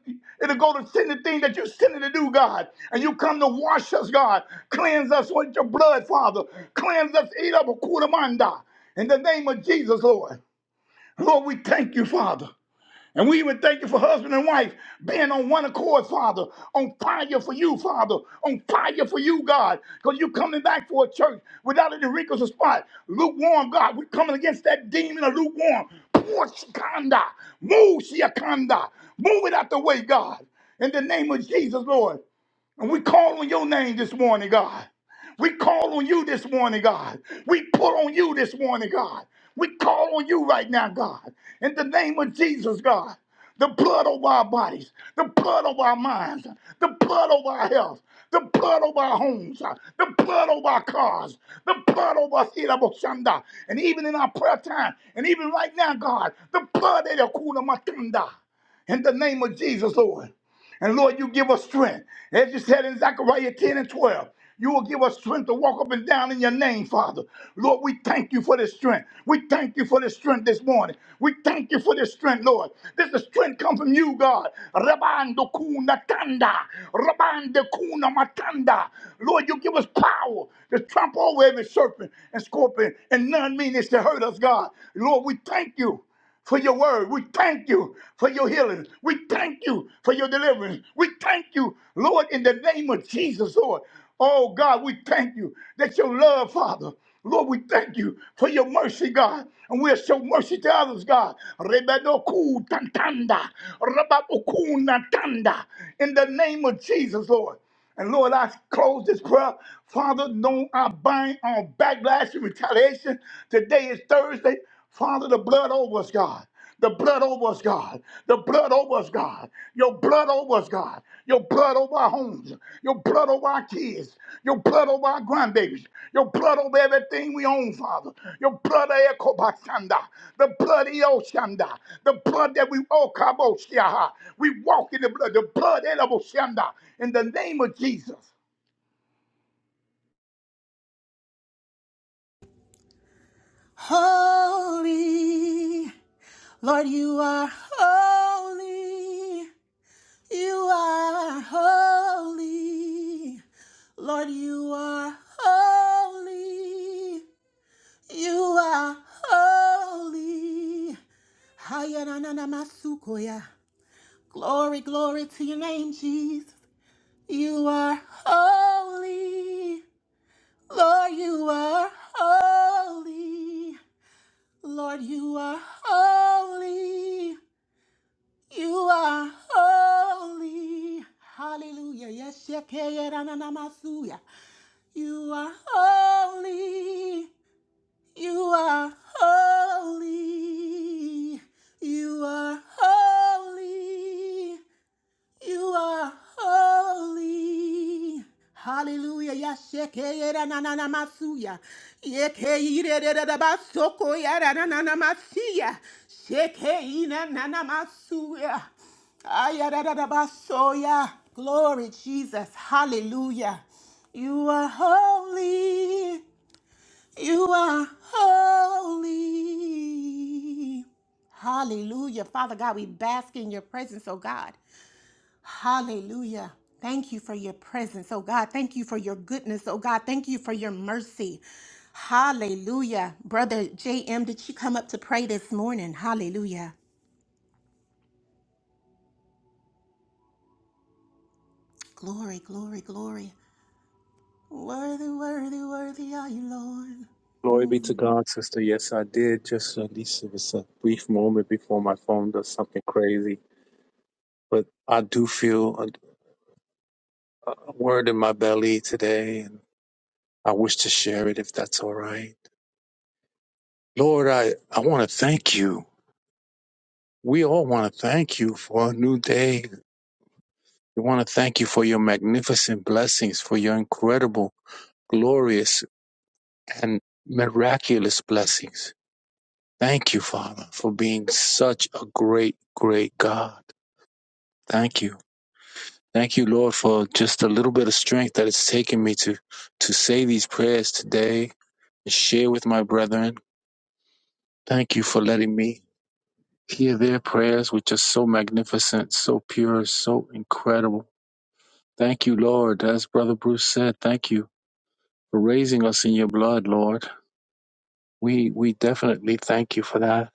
it'll go to send the thing that you sent it to do, God. And you come to wash us, God. Cleanse us with your blood, Father. Cleanse us, eat up a quarter manda. In the name of Jesus, Lord. Lord, we thank you, Father. And we even thank you for husband and wife being on one accord, Father, on fire for you, Father, on fire for you, God, because you're coming back for a church without any wrinkles or spot. Lukewarm, God, we're coming against that demon of lukewarm. Pour Shikanda, move Shiakanda, move it out the way, God. In the name of Jesus, Lord. And we call on your name this morning, God. We call on you this morning, God. We pull on you this morning, God. We call on you right now, God. In the name of Jesus, God. The blood over our bodies, the blood over our minds, the blood over our health, the blood over our homes, the blood over our cars, the blood over us, Iraboshanda. and even in our prayer time, and even right now, God, the blood of the Kuna Matunda. In the name of Jesus, Lord. And Lord, you give us strength. As you said in Zechariah 10 and 12, you will give us strength to walk up and down in your name, Father. Lord, we thank you for this strength. We thank you for this strength this morning. We thank you for this strength, Lord. This is strength come from you, God. Rabando kuna tanda. Rabando kuna matanda. Lord, you give us power to trample over every serpent and scorpion, and none mean is to hurt us, God. Lord, we thank you for your word. We thank you for your healing. We thank you for your deliverance. We thank you, Lord, in the name of Jesus, Lord. Oh God, we thank you that your love, Father. Lord, we thank you for your mercy, God. And we'll show mercy to others, God. Rebedoku tantanda, rababoku natanda. In the name of Jesus, Lord. And Lord, I close this prayer. Father, no, I bind on backlash and retaliation. Today is Thursday. Father, the blood over us, God. The blood over us, God. The blood over us, God. Your blood over us, God. Your blood over our homes. Your your blood over our kids, your blood over our grandbabies, your blood over everything we own, Father. Your blood, Ekobashanda, the blood, Eoshanda, the blood that we, Okaboshiaha, we walk in the blood, the blood, Elaboshianda, in the name of Jesus.
Holy, Lord, you are holy. You are holy. Lord, you are holy. You are holy. Hayananamasukoya. Glory, glory to your name, Jesus. You are holy. Lord, you are holy. Lord, you are holy. You are holy. Hallelujah. Yes, yekeyerananamasuya. you are holy. You are holy. You are holy. You are holy. Hallelujah. Yashekeyera na na na masuya. Yekeirerera basoko yara na na na masiya. Shekeina na na masuya. Ayarara basoya. Glory Jesus. Hallelujah. You are holy. You are holy. Hallelujah. Father God, we bask in your presence, oh God. Hallelujah. Thank you for your presence, oh God. Thank you for your goodness, oh God. Thank you for your mercy. Hallelujah. Brother JM, did you come up to pray this morning? Hallelujah. Glory, glory, glory. Worthy, worthy, worthy are you, Lord.
Glory be to God, sister. Yes, I did. Just at least it was a brief moment before my phone does something crazy. But I do feel a, a word in my belly today, and I wish to share it if that's all right. Lord, I, I want to thank you. We all want to thank you for a new day. We want to thank you for your magnificent blessings, for your incredible, glorious, and miraculous blessings. Thank you, Father, for being such a great, great God. Thank you. Thank you, Lord, for just a little bit of strength that it's taken me to to say these prayers today and share with my brethren. Thank you for letting me hear their prayers, which are so magnificent, so pure, so incredible. Thank you, Lord. As Brother Bruce said, thank you for raising us in your blood, Lord. We we definitely thank you for that.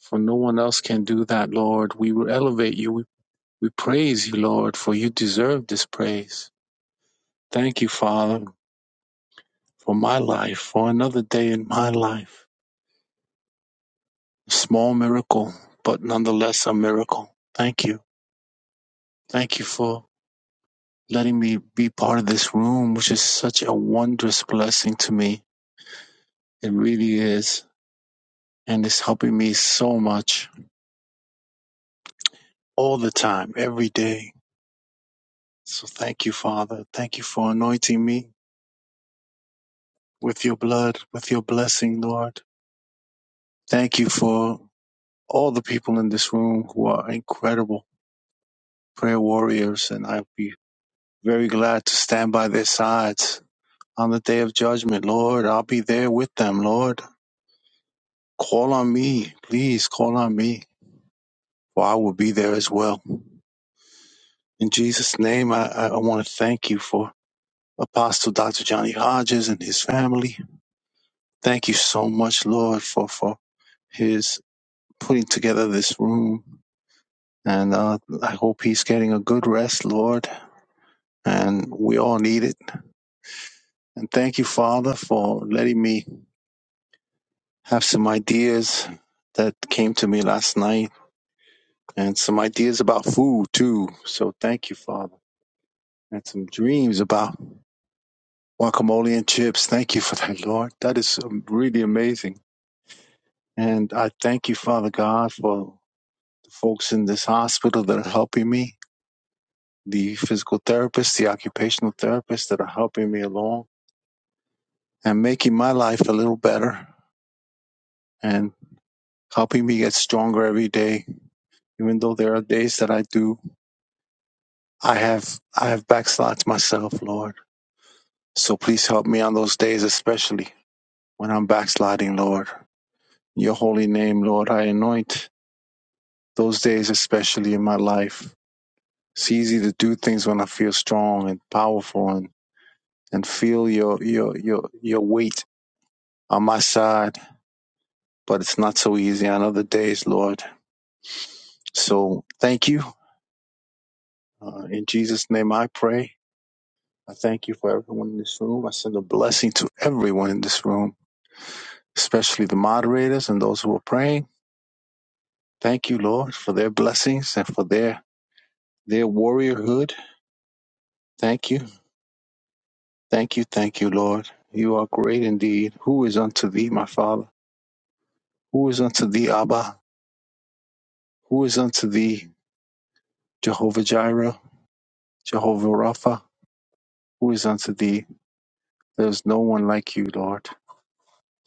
For no one else can do that, Lord. We will elevate you. We, we praise you, Lord, for you deserve this praise. Thank you, Father. for my life, for another day in my life. A small miracle, but nonetheless a miracle. Thank you. Thank you for letting me be part of this room, which is such a wondrous blessing to me. It really is. And it's helping me so much all the time, every day. So thank you, Father. Thank you for anointing me with your blood, with your blessing, Lord. Thank you for all the people in this room who are incredible prayer warriors. And I will be. Very glad to stand by their sides on the day of judgment, Lord. I'll be there with them, Lord. Call on me, please call on me, for I will be there as well. In Jesus' name, I, I want to thank you for Apostle Dr. Johnny Hodges and his family. Thank you so much, Lord, for, for his putting together this room. And uh, I hope he's getting a good rest, Lord. And we all need it. And thank you, Father, for letting me have some ideas that came to me last night and some ideas about food too. So thank you, Father. And some dreams about guacamole and chips. Thank you for that, Lord. That is um, really amazing. And I thank you, Father God, for the folks in this hospital that are helping me, the physical therapists, the occupational therapists that are helping me along and making my life a little better and helping me get stronger every day. Even though there are days that I do I have I have backslid myself, Lord. So please help me on those days, especially when I'm backsliding, Lord. Your holy name, Lord, I anoint those days especially in my life. It's easy to do things when I feel strong and powerful and, and feel your your your your weight on my side, but it's not so easy on other days, Lord. So thank you. Uh, in Jesus' name I pray. I thank you for everyone in this room. I send a blessing to everyone in this room especially the moderators and those who are praying. Thank you, Lord, for their blessings and for their their warriorhood. Thank you. Thank you, thank you, Lord. You are great indeed. Who is unto thee, my Father? Who is unto thee, Abba? Who is unto thee, Jehovah Jireh, Jehovah Rapha? Who is unto thee? There is no one like you, Lord.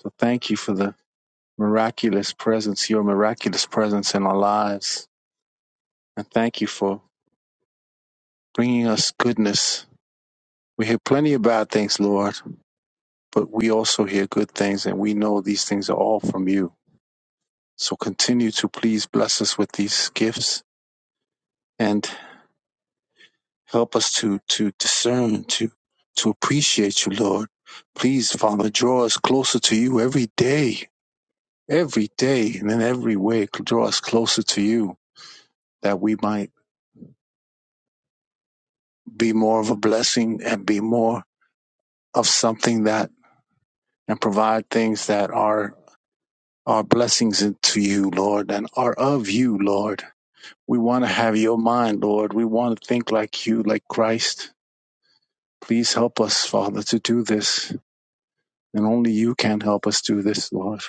So thank you for the miraculous presence, your miraculous presence in our lives. And thank you for bringing us goodness. We hear plenty of bad things, Lord but we also hear good things and we know these things are all from you. So continue to please bless us with these gifts and help us to, to discern, to, to appreciate you, Lord. Please, Father, draw us closer to you every day, every day, and in every way, draw us closer to you that we might be more of a blessing and be more of something that and provide things that are are blessings to you, Lord, and are of you, Lord We want to have your mind, Lord. We want to think like you, like Christ. Please help us, Father, to do this. And only you can help us do this, Lord.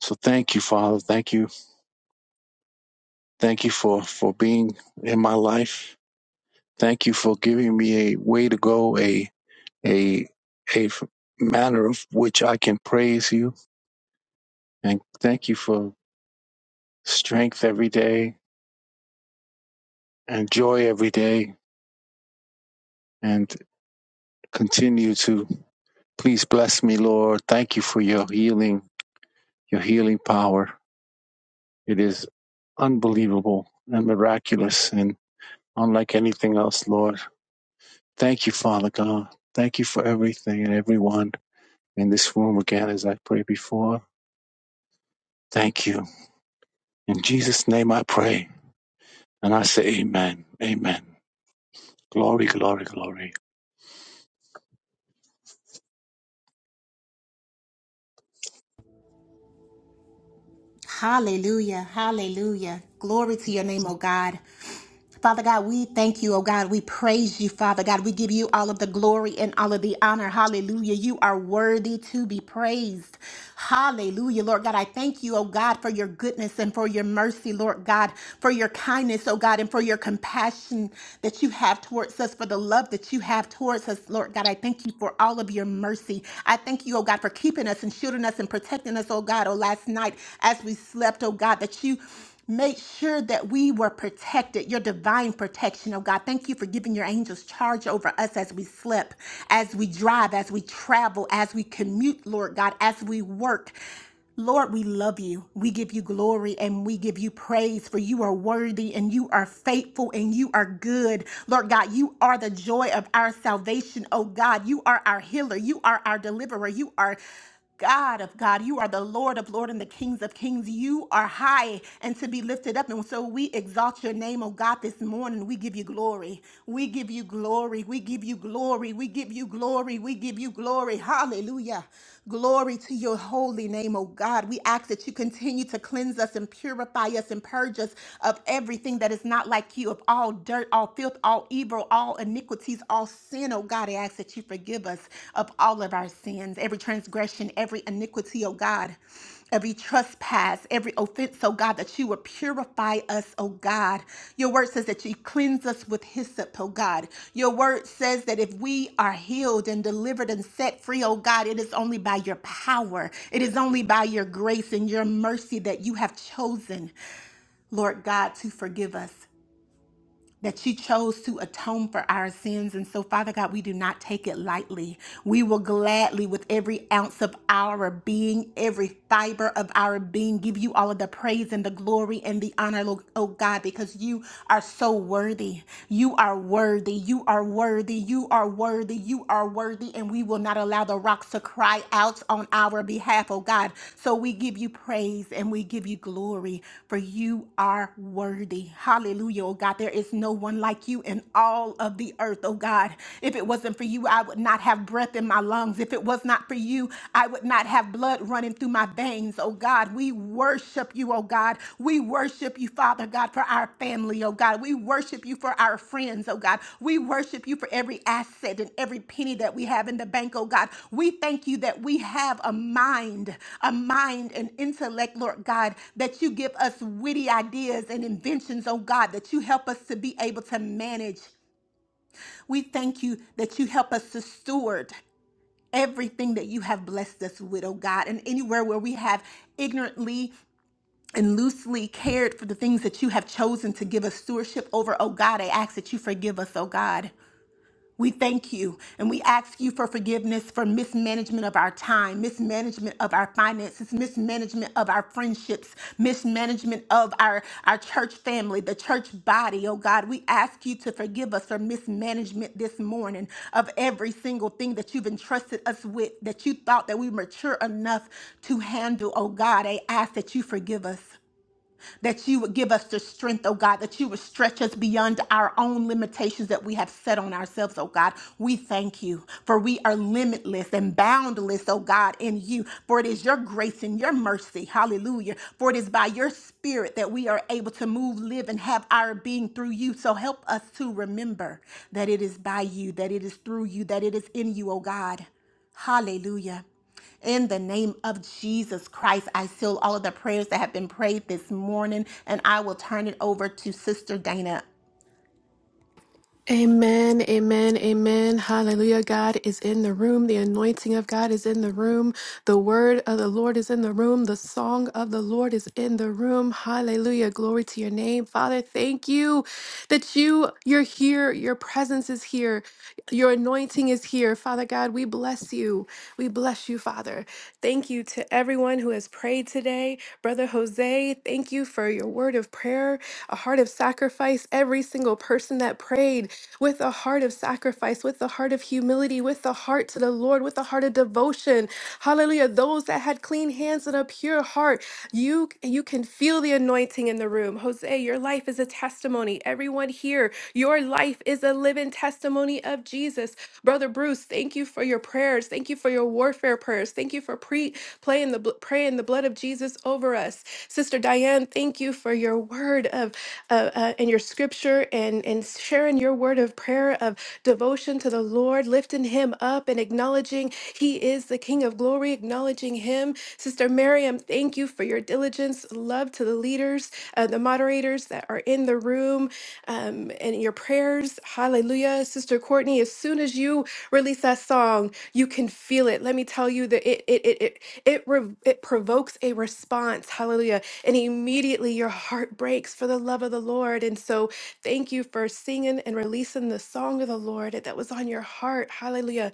So thank you, Father. Thank you. Thank you for, for being in my life. Thank you for giving me a way to go, a, a, a manner of which I can praise you. And thank you for strength every day and joy every day and continue to please bless me, Lord. Thank you for your healing your healing power. It is unbelievable and miraculous and unlike anything else, Lord. Thank you, Father God. Thank you for everything and everyone in this room again as I prayed before. Thank you. In Jesus' name I pray. And I say amen. Amen. Glory, glory, glory.
Hallelujah. Hallelujah. Glory to your name, oh God. Father God, we thank you, oh God. We praise you, Father God. We give you all of the glory and all of the honor. Hallelujah. You are worthy to be praised. Hallelujah, Lord God. I thank you, oh God, for your goodness and for your mercy, Lord God, for your kindness, oh God, and for your compassion that you have towards us, for the love that you have towards us, Lord God. I thank you for all of your mercy. I thank you, oh God, for keeping us and shielding us and protecting us, oh God, oh last night as we slept, oh God, that you Make sure that we were protected, your divine protection, oh God. Thank you for giving your angels charge over us as we slip, as we drive, as we travel, as we commute, Lord God, as we work. Lord, we love you. We give you glory and we give you praise for you are worthy and you are faithful and you are good. Lord God, you are the joy of our salvation. Oh God, you are our healer. You are our deliverer. You are God of God, you are the Lord of Lord and the Kings of Kings. You are high and to be lifted up. And so we exalt your name, oh God, this morning. We give you glory. We give you glory. We give you glory. We give you glory. We give you glory. Hallelujah. Glory to your holy name, oh God. We ask that you continue to cleanse us and purify us and purge us of everything that is not like you, of all dirt, all filth, all evil, all iniquity iniquities, all sin, oh God. I ask that you forgive us of all of our sins, every transgression, every iniquity, oh God, every trespass, every offense, oh God, that you would purify us, oh God. Your word says that you cleanse us with hyssop, oh God. Your word says that if we are healed and delivered and set free, oh God, it is only by your power, it is only by your grace and your mercy that you have chosen, Lord God, to forgive us that you chose to atone for our sins. And so, Father God, we do not take it lightly. We will gladly, with every ounce of our being, every fiber of our being, give you all of the praise and the glory and the honor, Lo- oh God, because you are so worthy. You are worthy. You are worthy. You are worthy. You are worthy. And we will not allow allow the rocks to cry out on our behalf, oh God. So we give you praise and we give you glory, for you are worthy. Hallelujah, oh God. There is no one like you in all of the earth, oh God. If it wasn't for you, I would not have breath in my lungs. If it was not for you, I would not have blood running through my veins, oh God. We worship you you, oh God. We worship you, Father God, for our family, oh God. We worship you for our friends, oh God. We worship you for every asset and every penny that we have in the bank, oh God. We thank you that we have a mind, a mind and intellect, Lord God, that you give us witty ideas and inventions, oh God, that you help us to be able to manage. We thank you that you help us to steward everything that you have blessed us with, oh God, and anywhere where we have ignorantly and loosely cared for the things that you have chosen to give us stewardship over, oh God. I ask that you forgive us, oh God. We thank you and we ask you for forgiveness for mismanagement of our time, mismanagement of our finances, mismanagement of our friendships, mismanagement of our, our church family, the church body. Oh God, we ask you to forgive us for mismanagement this morning of every single thing that you've entrusted us with that you thought that we mature enough to handle. Oh God, I ask that you forgive us that you would give us the strength, oh God, that you would stretch us beyond our own limitations that we have set on ourselves, oh God. We thank you for we are limitless and boundless, oh God, in you. For it is your grace and your mercy, hallelujah. For it is by your spirit that we are able to move, live, and have our being through you. So help us to remember that it is by you, that it is through you, that it is in you, oh God. Hallelujah. In the name of Jesus Christ, I seal all of the prayers that have been prayed this morning, and I will turn it over to Sister Dana.
Amen, amen, amen. Hallelujah. God is in the room. The anointing of God is in the room. The word of the Lord is in the room. The song of the Lord is in the room. Hallelujah. Glory to your name. Father, thank you that you you're here. Your presence is here. Your anointing is here. Father God, we bless you. We bless you, Father. Thank you to everyone who has prayed today. Brother Jose, thank you for your word of prayer, a heart of sacrifice. Every single person that prayed with a heart of sacrifice, with a heart of humility, with a heart to the Lord, with a heart of devotion. Hallelujah. Those that had clean hands and a pure heart, you you can feel the anointing in the room. Jose, your life is a testimony. Everyone here, your life is a living testimony of Jesus. Brother Bruce, thank you for your prayers. Thank you for your warfare prayers. Thank you for pre playing the bl- praying the blood of Jesus over us. Sister Diane, thank you for your for your word of uh, uh, and your scripture and and sharing your word of prayer of devotion to the Lord, lifting Him up and acknowledging He is the King of Glory, acknowledging Him. Sister Miriam, thank you for your diligence, love to the leaders, uh, the moderators that are in the room, um, and your prayers. Hallelujah, Sister Courtney. As soon as you release that song, you can feel it. Let me tell you that it it it it it, rev- it provokes a response. Hallelujah and immediately your heart breaks for the love of the Lord. And so, thank you for singing and releasing the song of the Lord that was on your heart. Hallelujah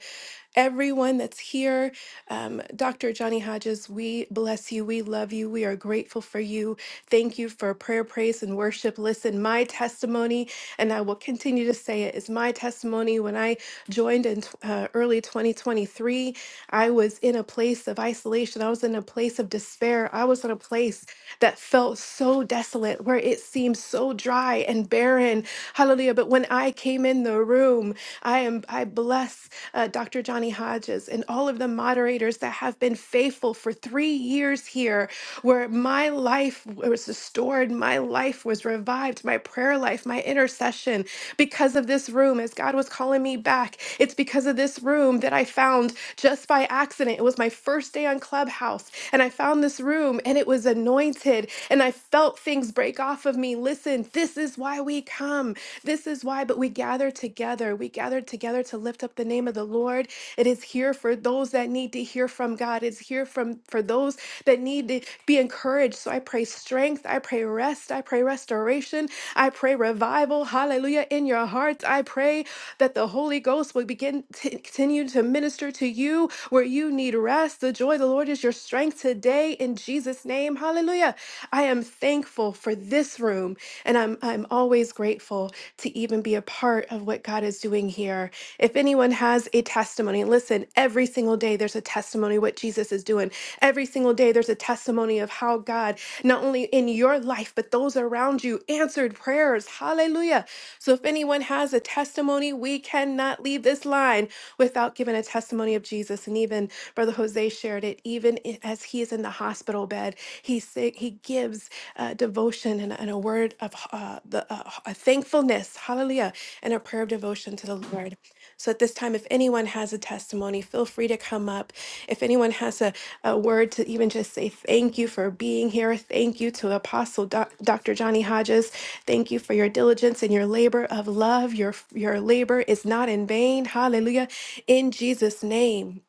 everyone that's here. Um, Dr. Johnny Hodges, we bless you. We love you. We are grateful for you. Thank you for prayer, praise, and worship. Listen, my testimony, and I will continue to say it, is my testimony. When I joined in uh, early 2023, I was in a place of isolation. I was in a place of despair. I was in a place that felt so desolate, where it seemed so dry and barren. Hallelujah. But when I came in the room, I am I bless uh, Dr. Johnny Hodges and all of the moderators that have been faithful for three years here, where my life was restored, my life was revived, my prayer life, my intercession, because of this room, as God was calling me back. It's because of this room that I found just by accident accident. It was my first day on Clubhouse, and I found this room and it was anointed, and I felt things break off of me. Listen, this is why we come. This is why, but we gather together. We gather together to lift up the name of the Lord. It is here for those that need to hear from God. It's here from for those that need to be encouraged. So I pray strength, I pray rest, I pray restoration, I pray revival. Hallelujah in your hearts. I pray that the Holy Ghost will begin to continue to minister to you where you need rest. The joy of the Lord is your strength today in Jesus' name. Hallelujah. I am thankful for this room, and I'm I'm always grateful to even be a part of what God is doing here. If anyone has a testimony, listen, every single day there's a testimony what Jesus is doing. Every single day there's a testimony of how God, not only in your life, but those around you, answered prayers. Hallelujah. So if anyone has a testimony, we cannot leave this line without giving a testimony of Jesus. And even Brother Jose shared it, even i- as he is in the hospital bed, he sa- he gives uh, devotion and, and a word of uh, the, uh, a thankfulness, hallelujah, and a prayer of devotion to the Lord. So at this time, if anyone has a testimony, feel free to come up. If anyone has a, a word to even just say thank you for being here, thank you to Apostle Doc- Dr. Johnny Hodges, thank you for your diligence and your labor of love. Your your labor is not in vain. Hallelujah! In Jesus' name,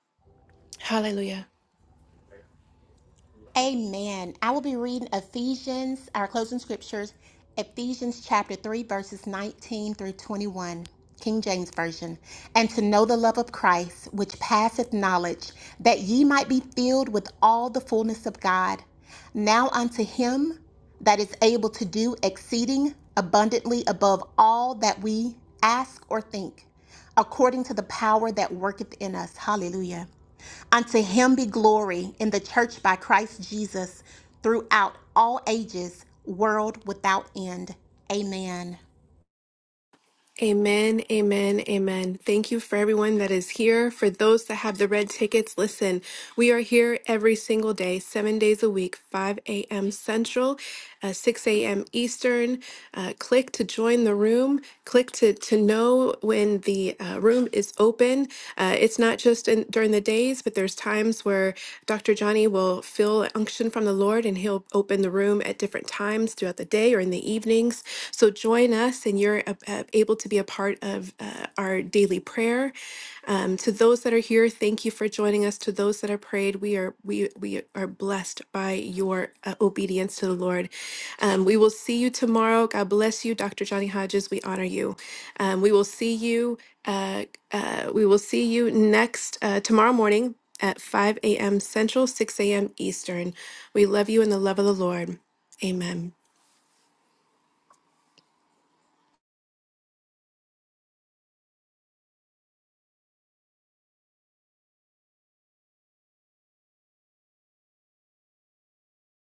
Hallelujah.
Amen. I will be reading Ephesians, our closing scriptures, Ephesians chapter 3, verses 19 through 21, King James Version. And to know the love of Christ, which passeth knowledge, that ye might be filled with all the fullness of God. Now unto him that is able to do exceeding abundantly above all that we ask or think according to the power that worketh in us. Hallelujah. Unto him be glory in the church by Christ Jesus throughout all ages, world without end. Amen.
Amen, amen, amen. Thank you for everyone that is here. For those that have the red tickets, listen, we are here every single day, seven days a week, 5 a.m. Central, uh, 6 a.m. Eastern. Uh, click to join the room. Click to, to know when and the uh, room is open. Uh, it's not just in, during the days, but there's times where Dr. Johnny will feel an unction from the Lord and he'll open the room at different times throughout the day or in the evenings. So join us, and you're uh, uh, able to be a part of uh, our daily prayer. Um, to those that are here, thank you for joining us. To those that are prayed, we are we we are blessed by your uh, obedience to the Lord. Um, we will see you tomorrow. God bless you, Dr. Johnny Hodges. We honor you. Um, we will see you. Uh, uh, we will see you next uh, tomorrow morning at 5 a.m. Central, 6 a.m. Eastern. We love you in the love of the Lord. Amen.